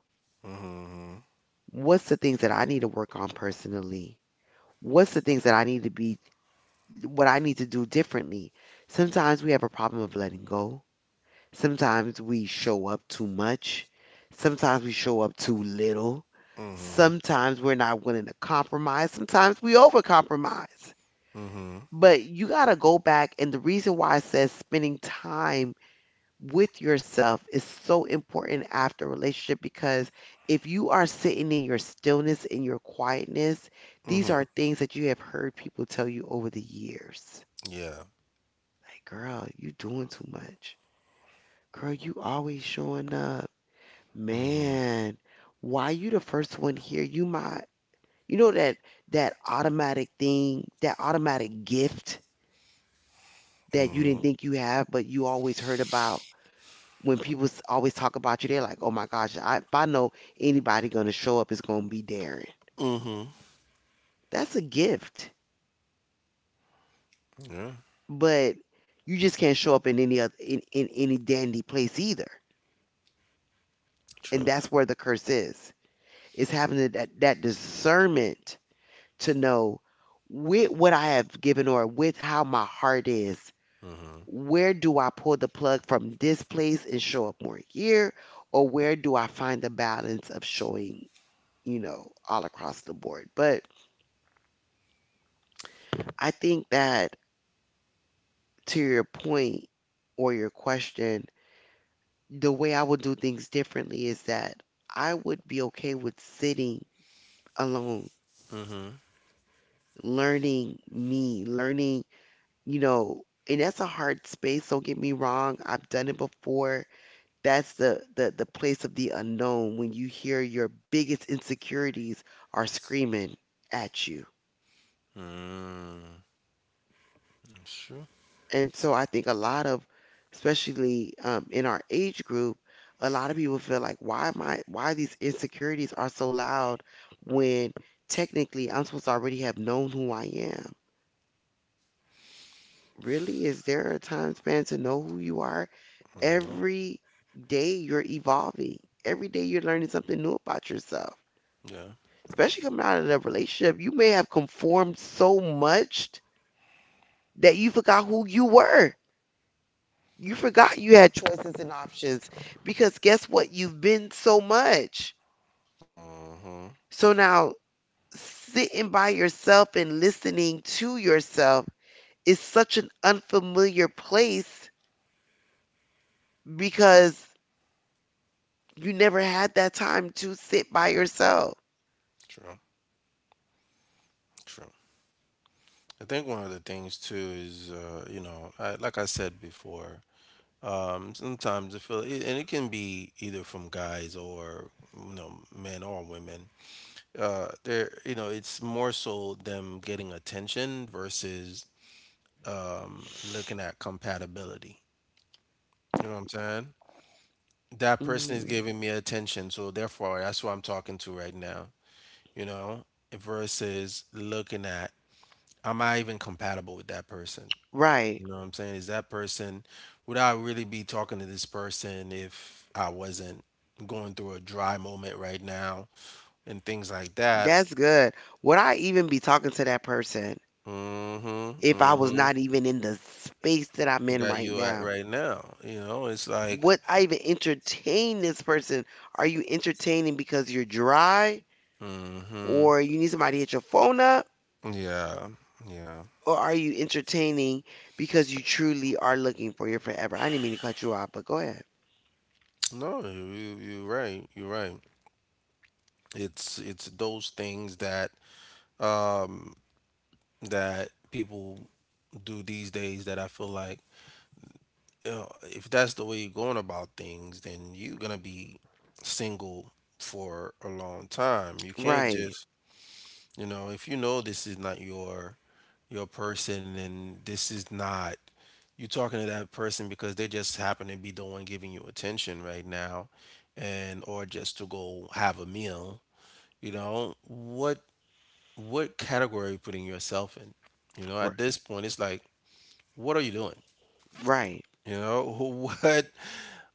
Speaker 2: Mm-hmm.
Speaker 1: What's the things that I need to work on personally? What's the things that I need to be, what I need to do differently. Sometimes we have a problem of letting go. Sometimes we show up too much. Sometimes we show up too little.
Speaker 2: Mm-hmm.
Speaker 1: Sometimes we're not willing to compromise. Sometimes we overcompromise.
Speaker 2: Mm-hmm.
Speaker 1: But you got to go back. And the reason why I says spending time with yourself is so important after a relationship, because if you are sitting in your stillness, in your quietness, these are
Speaker 2: Mm-hmm.
Speaker 1: things that you have heard people tell you over the years.
Speaker 2: Yeah.
Speaker 1: Like, girl, you doing too much. Girl, you always showing up.
Speaker 2: Mm-hmm.
Speaker 1: Man, why you the first one here? You might, you know that that automatic thing, that automatic gift that you didn't
Speaker 2: Mm-hmm.
Speaker 1: think you have, but you always heard about. When people always talk about you, they're like, "Oh my gosh, I, if I know anybody gonna show up, it's gonna be Darren."
Speaker 2: Mm-hmm.
Speaker 1: That's a gift,
Speaker 2: Yeah.
Speaker 1: but you just can't show up in any other in any dandy place either, and
Speaker 2: True.
Speaker 1: that's where the curse is. Is having that discernment to know, with what I have given or with how my heart is,
Speaker 2: Mm-hmm.
Speaker 1: where do I pull the plug from this place and show up more here, or where do I find the balance of showing, you know, all across the board? But I think that, to your point or your question, the way I would do things differently is that I would be okay with sitting alone,
Speaker 2: Mm-hmm.
Speaker 1: learning me, learning, you know, and that's a hard space. Don't get me wrong. I've done it before. That's the place of the unknown when you hear your biggest insecurities are screaming at you.
Speaker 2: Mm. That's true.
Speaker 1: And so I think a lot of, especially in our age group, a lot of people feel like, why am I, why these insecurities are so loud when technically I'm supposed to already have known who I am? Really? Is there a time span to know who you are?
Speaker 2: Mhm.
Speaker 1: Every day you're evolving. Every day you're learning something new about yourself.
Speaker 2: Yeah.
Speaker 1: Especially coming out of the relationship, you may have conformed so much that you forgot who you were. You forgot you had choices and options, because guess what? You've been so much.
Speaker 2: Mm-hmm.
Speaker 1: So now sitting by yourself and listening to yourself is such an unfamiliar place because you never had that time to sit by yourself.
Speaker 2: True. True. I think one of the things too is, you know, I, like I said before, sometimes I feel, it, and it can be either from guys or, you know, men or women. They're, you know, it's more so them getting attention versus looking at compatibility. You know what I'm saying? That person is giving me attention, so therefore that's who I'm talking to right now. You know, versus looking at am I even compatible with that person?
Speaker 1: Right.
Speaker 2: You know what I'm saying? Is that person, would I really be talking to this person if I wasn't going through a dry moment right now and things like that?
Speaker 1: That's good. Would I even be talking to that person
Speaker 2: Mm-hmm.
Speaker 1: if I was
Speaker 2: Mm-hmm.
Speaker 1: not even in the space that I'm in
Speaker 2: That
Speaker 1: right
Speaker 2: you at
Speaker 1: now?
Speaker 2: right now. You know, it's like.
Speaker 1: Would I even entertain this person? Are you entertaining because you're dry
Speaker 2: Mm-hmm.
Speaker 1: or you need somebody to hit your phone up?
Speaker 2: Yeah, yeah.
Speaker 1: Or are you entertaining because you truly are looking for your forever? I didn't mean to cut you off, but go ahead.
Speaker 2: No, you you're right. You're right. It's those things that um that people do these days that I feel like, you know, if that's the way you're going about things, then you're gonna be single for a long time. You can't
Speaker 1: Right.
Speaker 2: just you know this is not your person, and this is not you talking to that person because they just happen to be the one giving you attention right now and or just to go have a meal. You know what category are you putting yourself in? You know, at this point it's like, what are you doing?
Speaker 1: Right.
Speaker 2: You know, what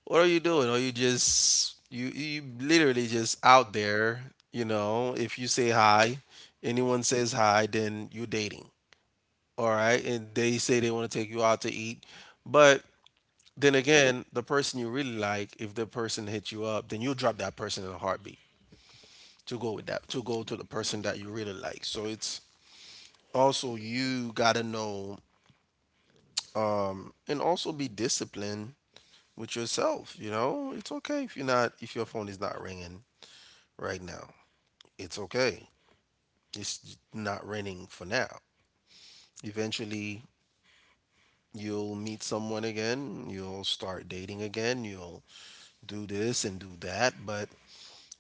Speaker 2: what are you doing? Are you just you literally just out there? You know, if you say hi, anyone says hi, then you're dating, all right, and they say they want to take you out to eat. But then again, the person you really like, if the person hits you up, then you'll drop that person in a heartbeat to go with that, to go to the person that you really like. So it's also, you gotta know, and also be disciplined with yourself. You know, it's okay if you're not, if your phone is not ringing right now. It's okay. It's not ringing for now. Eventually, you'll meet someone again. You'll start dating again. You'll do this and do that. But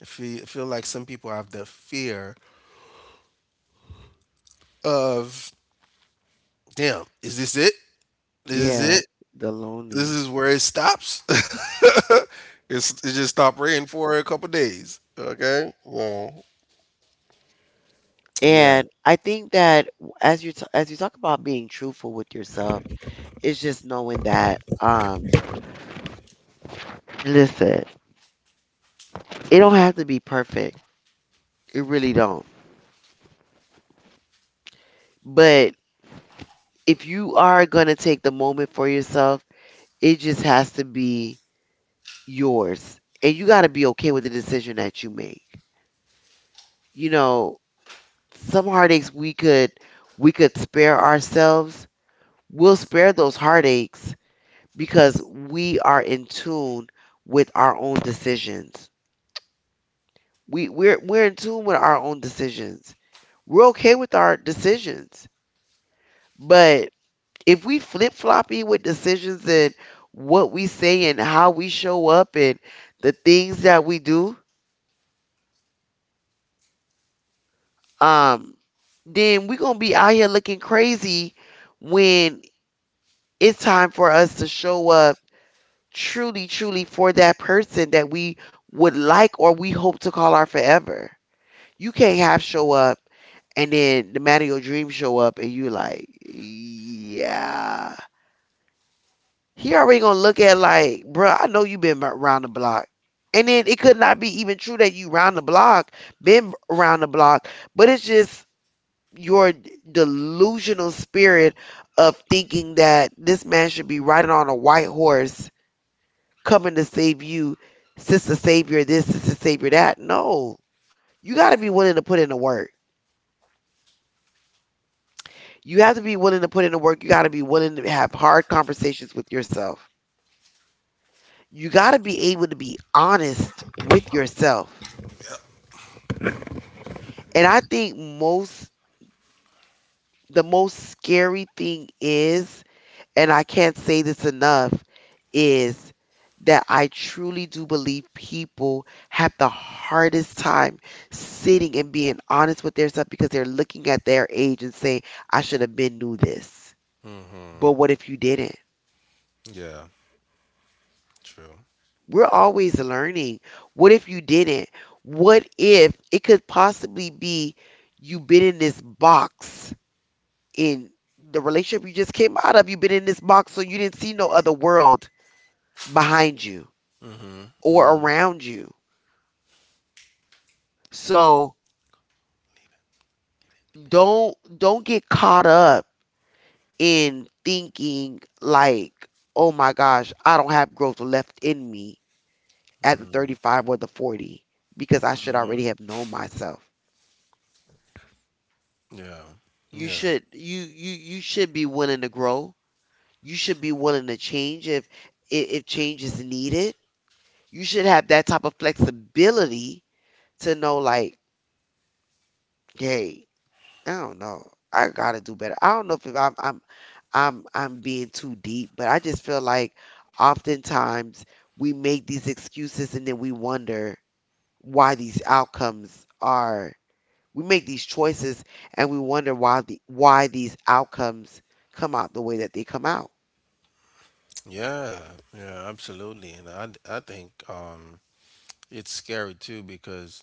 Speaker 2: I feel like some people have the fear of, damn, is this it? This is
Speaker 1: Yeah,
Speaker 2: it?
Speaker 1: the
Speaker 2: This
Speaker 1: lonely.
Speaker 2: is where it stops? It just stopped raining for a couple days. Okay? Well, yeah.
Speaker 1: And I think that, as you as you talk about being truthful with yourself, it's just knowing that listen, it don't have to be perfect. It really don't. But if you are going to take the moment for yourself, it just has to be yours. And you got to be okay with the decision that you make. You know, some heartaches we could, we could spare ourselves. We'll spare those heartaches because we are in tune with our own decisions. We're in tune with our own decisions. We're okay with our decisions. But if we flip floppy with decisions and what we say and how we show up and the things that we do, um, then we're gonna be out here looking crazy when it's time for us to show up truly, truly for that person that we would like or we hope to call our forever. You can't have show up and then the man of your dreams show up and you like, yeah. He already gonna look at like, bruh, I know you been around the block. And then it could not be even true that you round the block, been around the block, but it's just your delusional spirit of thinking that this man should be riding on a white horse coming to save you, sister savior this, sister savior that. No. You gotta be willing to put in the work. You have to be willing to put in the work. You got to be willing to have hard conversations with yourself. You got to be able to be honest with yourself. And I think most, the most scary thing is, and I can't say this enough, is that I truly do believe people have the hardest time sitting and being honest with themselves because they're looking at their age and saying, I should have been knew this. But
Speaker 2: Hmm.
Speaker 1: what if you didn't?
Speaker 2: Yeah, true.
Speaker 1: We're always learning. What if you didn't? What if it could possibly be you've been in this box in the relationship you just came out of? You've been in this box, so you didn't see no other world behind you
Speaker 2: Hmm.
Speaker 1: or
Speaker 2: Hmm.
Speaker 1: around you. So don't get caught up in thinking like, oh my gosh, I don't have growth left in me at the 35 or the 40 because I should
Speaker 2: Hmm.
Speaker 1: already have known myself.
Speaker 2: Yeah.
Speaker 1: You
Speaker 2: Yeah.
Speaker 1: should, you should be willing to grow. You should be willing to change if, if change is needed. You should have that type of flexibility to know like, hey, I don't know. I gotta do better. I don't know if I'm being too deep, but I just feel like oftentimes we make these excuses and then we wonder why these outcomes are. We make these choices and we wonder why the, why these outcomes come out the way that they come out.
Speaker 2: Yeah, yeah, absolutely. And I think it's scary too because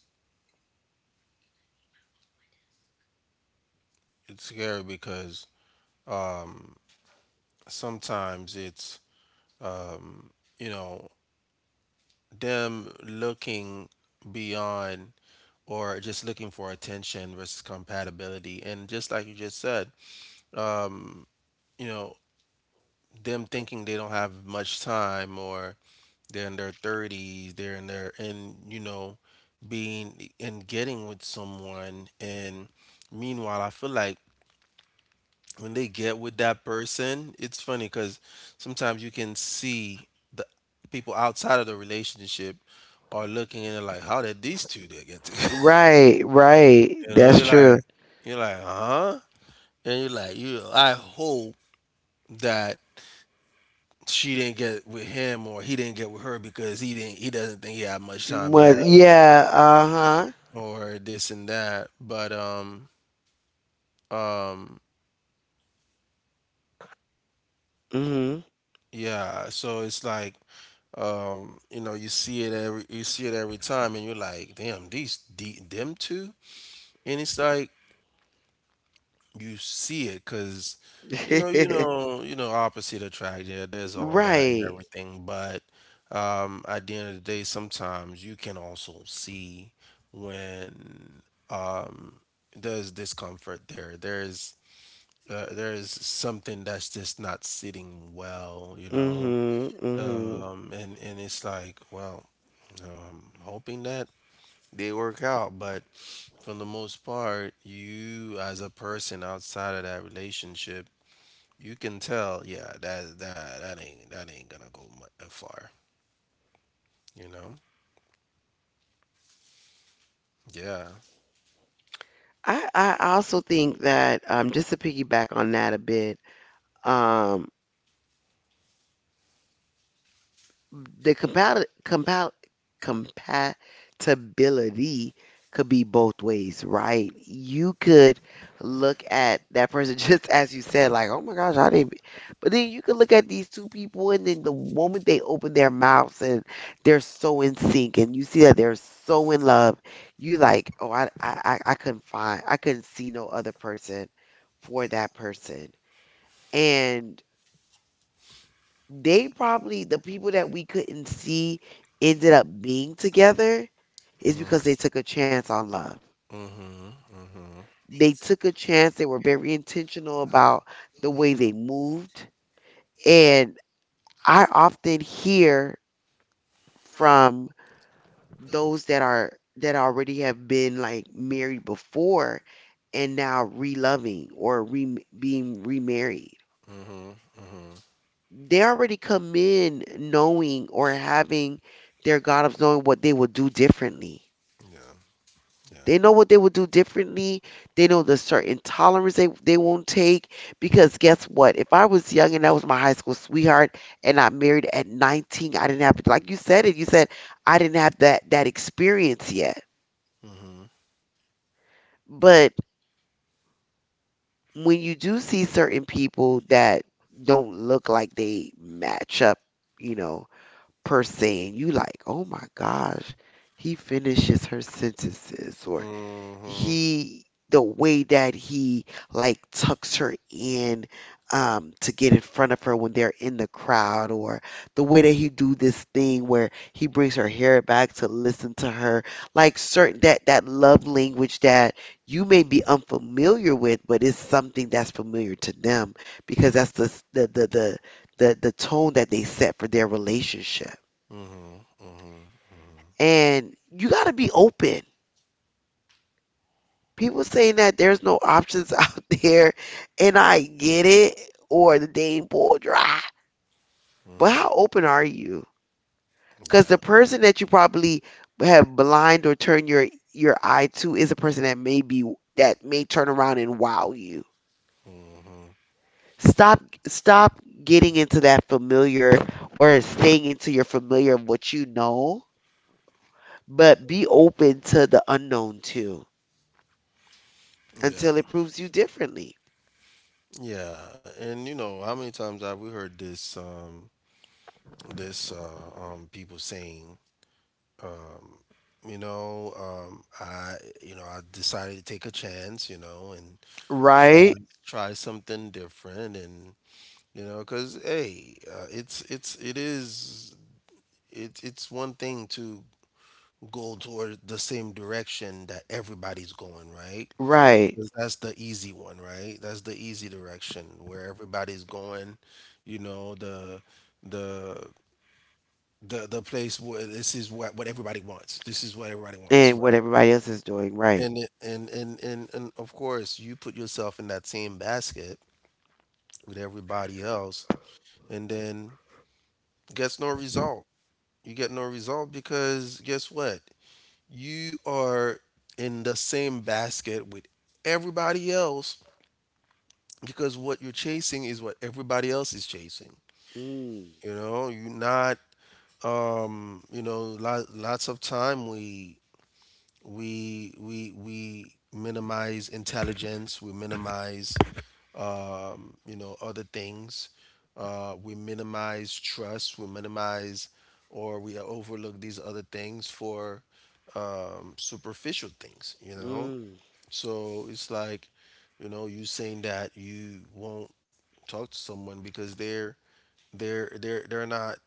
Speaker 2: it's scary because um, sometimes it's, um, you know, them looking beyond or just looking for attention versus compatibility, and just like you just said, um, you know, them thinking they don't have much time, or they're in their 30s, they're in their, and you know, being and getting with someone, and meanwhile I feel like when they get with that person, it's funny because sometimes you can see the people outside of the relationship are looking and they're like, "How did these two they get together?"
Speaker 1: Right, right.
Speaker 2: You know,
Speaker 1: That's true.
Speaker 2: you're like, huh? And you're like, you. I hope that she didn't get with him, or he didn't get with her because he didn't. He doesn't think he had much time
Speaker 1: But
Speaker 2: left,
Speaker 1: yeah, uh-huh.
Speaker 2: or this and that. But um
Speaker 1: Mm.
Speaker 2: yeah. So it's like, you know, you see it every time, and you're like, damn, them two, and it's like you see it because
Speaker 1: Mhm.
Speaker 2: you know, opposite attract. Yeah, there's all that and
Speaker 1: Right.
Speaker 2: everything, but at the end of the day, sometimes you can also see when, um, there's discomfort there. There's something that's just not sitting well, you
Speaker 1: Mm.
Speaker 2: know.
Speaker 1: Mhm. Mm. Mhm.
Speaker 2: And it's like, well, hoping that they work out, but for the most part, you as a person outside of that relationship, you can tell, yeah, that that ain't that ain't gonna go far, you know? Yeah.
Speaker 1: I also think that just to piggyback on that a bit. um. The compatibility could be both ways, right? You could look at that person just as you said, like, oh my gosh, how they be? But then you could look at these two people, and then the moment they open their mouths and they're so in sync, and you see that they're so in love, you like, oh, I couldn't find, I couldn't see no other person for that person. And they probably the people that we couldn't see ended up being together is
Speaker 2: Mhm.
Speaker 1: because they took a chance on love.
Speaker 2: Mhm. Mhm.
Speaker 1: They took a chance, they were very intentional about the way they moved. And I often hear from those that are, that already have been like married before and now reloving or being remarried.
Speaker 2: Mhm. Mhm.
Speaker 1: They already come in knowing or having their God of knowing what they will do differently.
Speaker 2: Yeah. Yeah.
Speaker 1: They know what they will do differently. They know the certain tolerance they won't take. Because guess what? If I was young and that was my high school sweetheart and I married at 19, I didn't have, like you said it, you said, I didn't have that experience yet.
Speaker 2: Mhm.
Speaker 1: But when you do see certain people that don't look like they match up, you know, per se, and you like, oh my gosh, he finishes her sentences, or
Speaker 2: Mhm.
Speaker 1: he, the way that he like tucks her in to get in front of her when they're in the crowd, or the way that he do this thing where he brings her hair back to listen to her, like certain, that that love language that you may be unfamiliar with but it's something that's familiar to them, because that's the the the the, the tone that they set for their relationship.
Speaker 2: Mhm. Mhm. Mhm.
Speaker 1: And you got to be open. People saying that there's no options out there, and I get it, or the dang bowl dry. But how
Speaker 2: Mhm.
Speaker 1: open are you? Because the
Speaker 2: Yeah.
Speaker 1: person that you probably have blind or turn your eye to is a person that may turn around and wow you.
Speaker 2: Mhm.
Speaker 1: Stop stop getting into that familiar or staying into your familiar of what you know, but be open to the unknown too
Speaker 2: Yeah.
Speaker 1: until it proves you differently.
Speaker 2: Yeah, and you know how many times have we heard this, people saying, um you know, I you know, I decided to take a chance, you know, and try
Speaker 1: Right?
Speaker 2: try something different. And you know, 'cuz hey, it is it's one thing to go toward the same direction that everybody's going, right?
Speaker 1: Right.
Speaker 2: 'Cause that's the easy one, right? That's the easy direction where everybody's going, you know, the the place where this is what everybody wants. This is what everybody wants,
Speaker 1: And
Speaker 2: right?
Speaker 1: what everybody else is doing, right?
Speaker 2: And of course, you put yourself in that same basket with everybody else, and then gets no result. You get no result because guess what? You are in the same basket with everybody else because what you're chasing is what everybody else is chasing.
Speaker 1: Mm,
Speaker 2: You know, you're not. You know, lots of time we minimize intelligence. We minimize, you know, other things. We minimize trust. We minimize, or we overlook these other things for superficial things. You know,
Speaker 1: mm,
Speaker 2: so it's like, you know, you saying that you won't talk to someone because they're not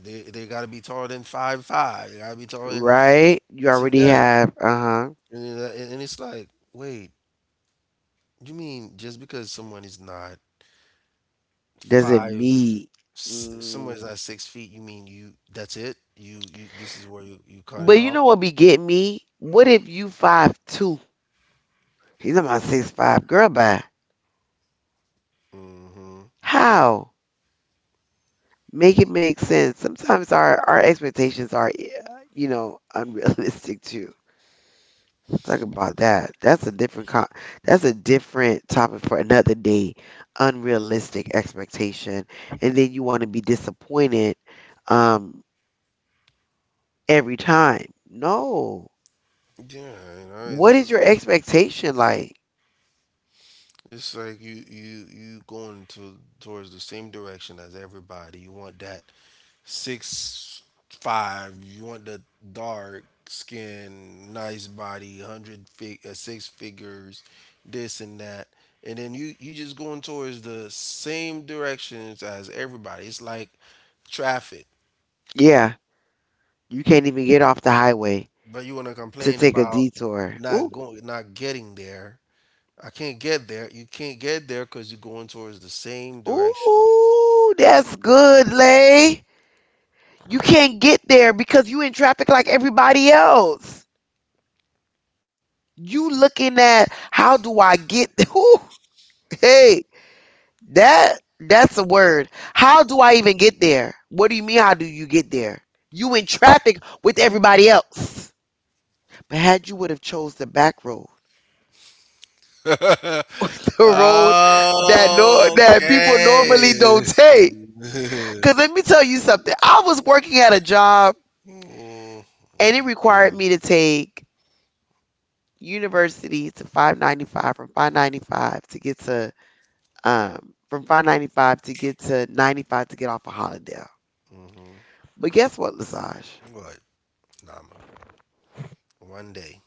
Speaker 2: they gotta be taller than 5'5". They gotta be taller than
Speaker 1: right? You
Speaker 2: this and
Speaker 1: already
Speaker 2: that.
Speaker 1: have, uh-huh.
Speaker 2: And it's like, wait, you mean just because someone is not
Speaker 1: Does it
Speaker 2: five,
Speaker 1: meet?
Speaker 2: someone is
Speaker 1: Mm.
Speaker 2: not 6 feet, you mean you, that's it? You, this is where you cut it
Speaker 1: But you
Speaker 2: off?
Speaker 1: know what be getting me? What if you 5'2"? He's about 6'5". Girl, bye.
Speaker 2: Mm-hmm.
Speaker 1: How? Make it make sense. Sometimes our expectations are, unrealistic. Let's talk about that. That's a different topic for another day. Unrealistic expectation, and then you want to be disappointed um every time. No.
Speaker 2: Yeah, you know
Speaker 1: What
Speaker 2: it's.
Speaker 1: is your expectation like?
Speaker 2: It's like you going to towards the same direction as everybody. You want that 6'5". You want the dark skin, nice body, six figures, this and that, and then you just going towards the same directions as everybody. It's like traffic,
Speaker 1: Yeah, you can't even get off the highway
Speaker 2: but you want to
Speaker 1: to
Speaker 2: complain
Speaker 1: take a
Speaker 2: about
Speaker 1: detour. Ooh,
Speaker 2: not going, not getting there. I can't get there. You can't get there because you're going towards the same direction.
Speaker 1: ooh, that's good, Lay. You can't get there because you in traffic like everybody else. You looking at how do I get? Ooh. Hey, that's a word. How do I even get there? What do you mean how do you get there? You in traffic with everybody else. But had you would have chose the back road,
Speaker 2: Okay.
Speaker 1: the road that people normally don't take. Cause let me tell you something. I was working at a job,
Speaker 2: Mm,
Speaker 1: and it required
Speaker 2: mm,
Speaker 1: me to take university to 595, from 595 to get to from 595 to get to 95 to get off of Hollandale.
Speaker 2: mhm.
Speaker 1: But guess what, Lesage?
Speaker 2: What, Nama? One day.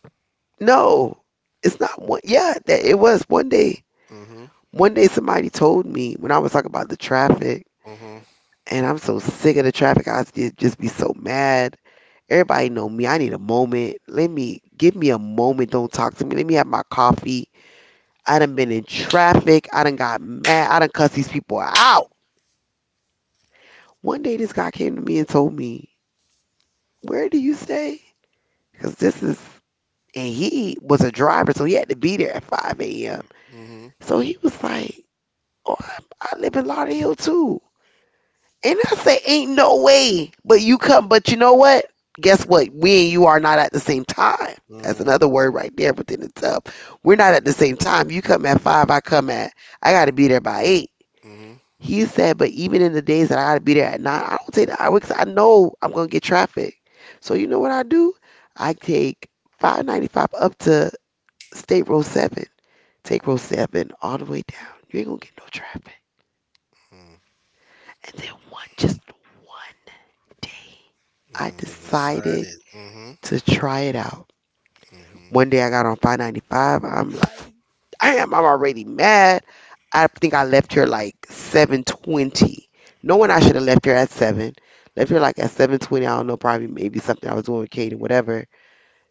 Speaker 1: No, it's not one. Yeah, that it was one day.
Speaker 2: Mm-hmm.
Speaker 1: One day somebody told me when I was talking about the traffic,
Speaker 2: Mm-hmm.
Speaker 1: and I'm so sick of the traffic. I did just be so mad. Everybody know me. I need a moment. Let me give me a moment. Don't talk to me. Let me have my coffee. I done been in traffic. I done got mad. I done cuss these people out. One day this guy came to me and told me, "Where do you stay?" Because this is, and he was a driver, so he had to be there at 5 a.m.
Speaker 2: Mm-hmm.
Speaker 1: So he was like. Oh, I live in Lauderdale too. And I say, ain't no way. But you come, but you know what? Guess what? We and you are not at the same time. That's
Speaker 2: Mm-hmm.
Speaker 1: another word right there within itself. We're not at the same time. You come at 5, I got to be there by 8.
Speaker 2: Mm-hmm.
Speaker 1: He said, but even in the days that I got to be there at 9, I don't take the hour because I know I'm going to get traffic. So you know what I do? I take 595 up to State Road 7. Take Road 7 all the way down. You ain't going to get no traffic. And then just one day, I
Speaker 2: Mm-hmm. You
Speaker 1: decided
Speaker 2: decided. Mm-hmm.
Speaker 1: to try it out. One
Speaker 2: Mm-hmm.
Speaker 1: day I got on 595. I'm like, damn, I'm already mad. I think I left here like 7:20. Knowing I should have left here at 7. Left here like at 7:20. I don't know, probably maybe something I was doing with Katie, whatever.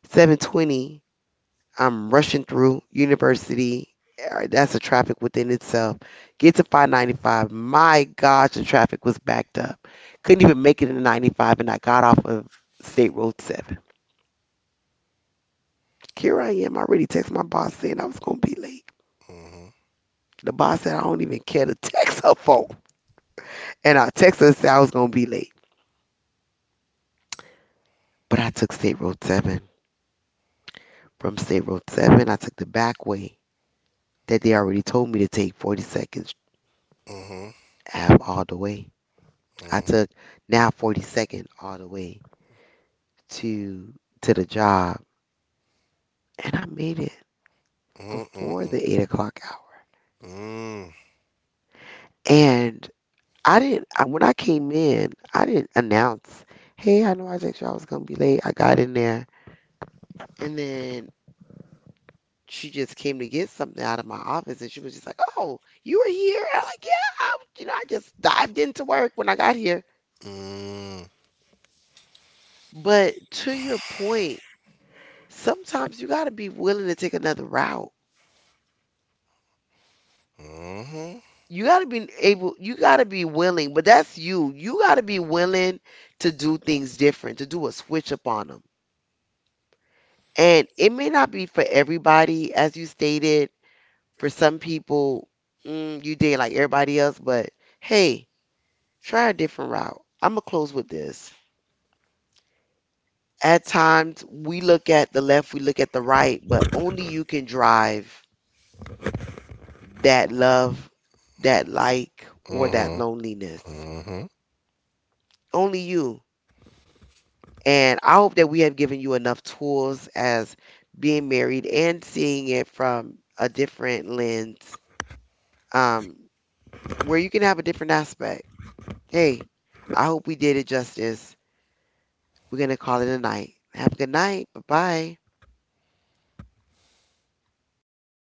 Speaker 1: 7:20. I'm rushing through university. That's a traffic within itself. Get to 595. My gosh, the traffic was backed up. Couldn't even make it in 95, and I got off of State Road 7. Here I am. I already texted my boss saying I was going to be late.
Speaker 2: Mm-hmm.
Speaker 1: The boss said I don't even care to text her phone. And I texted her and said I was going to be late. But I took State Road 7. From State Road 7, I took the back way that they already told me to take 42nd
Speaker 2: Mm-hmm.
Speaker 1: Ave all the way. I
Speaker 2: Mm-hmm. Mm-hmm.
Speaker 1: took now 42nd all the way to to the job, and I made it before
Speaker 2: Mm-hmm.
Speaker 1: the 8 o'clock hour.
Speaker 2: Mm-hmm.
Speaker 1: And I didn't. When I came in, I didn't announce, "Hey, I know I texted you I was gonna be late." I got in there, and then she just came to get something out of my office, and she was just like, "Oh, you were here?" And I'm like, "Yeah, I just dived into work when I got here."
Speaker 2: Mm-hmm.
Speaker 1: But to your point, sometimes you gotta be willing to take another route. You got to be able, you got to be willing, but that's you got to be willing to do things different, to do a switch up on them, and it may not be for everybody, as you stated. For some people, mm, you date like everybody else, but hey, try a different route. I'm gonna close with this. At times we look at the left, we look at the right, but only you can drive that love, that like, or that
Speaker 2: Mm-hmm.
Speaker 1: loneliness.
Speaker 2: Mm-hmm.
Speaker 1: Only you. And I hope that we have given you enough tools as being married and seeing it from a different lens, um, where you can have a different aspect. Hey, I hope we did it justice. We're going to call it a night. Have a good night. Bye bye.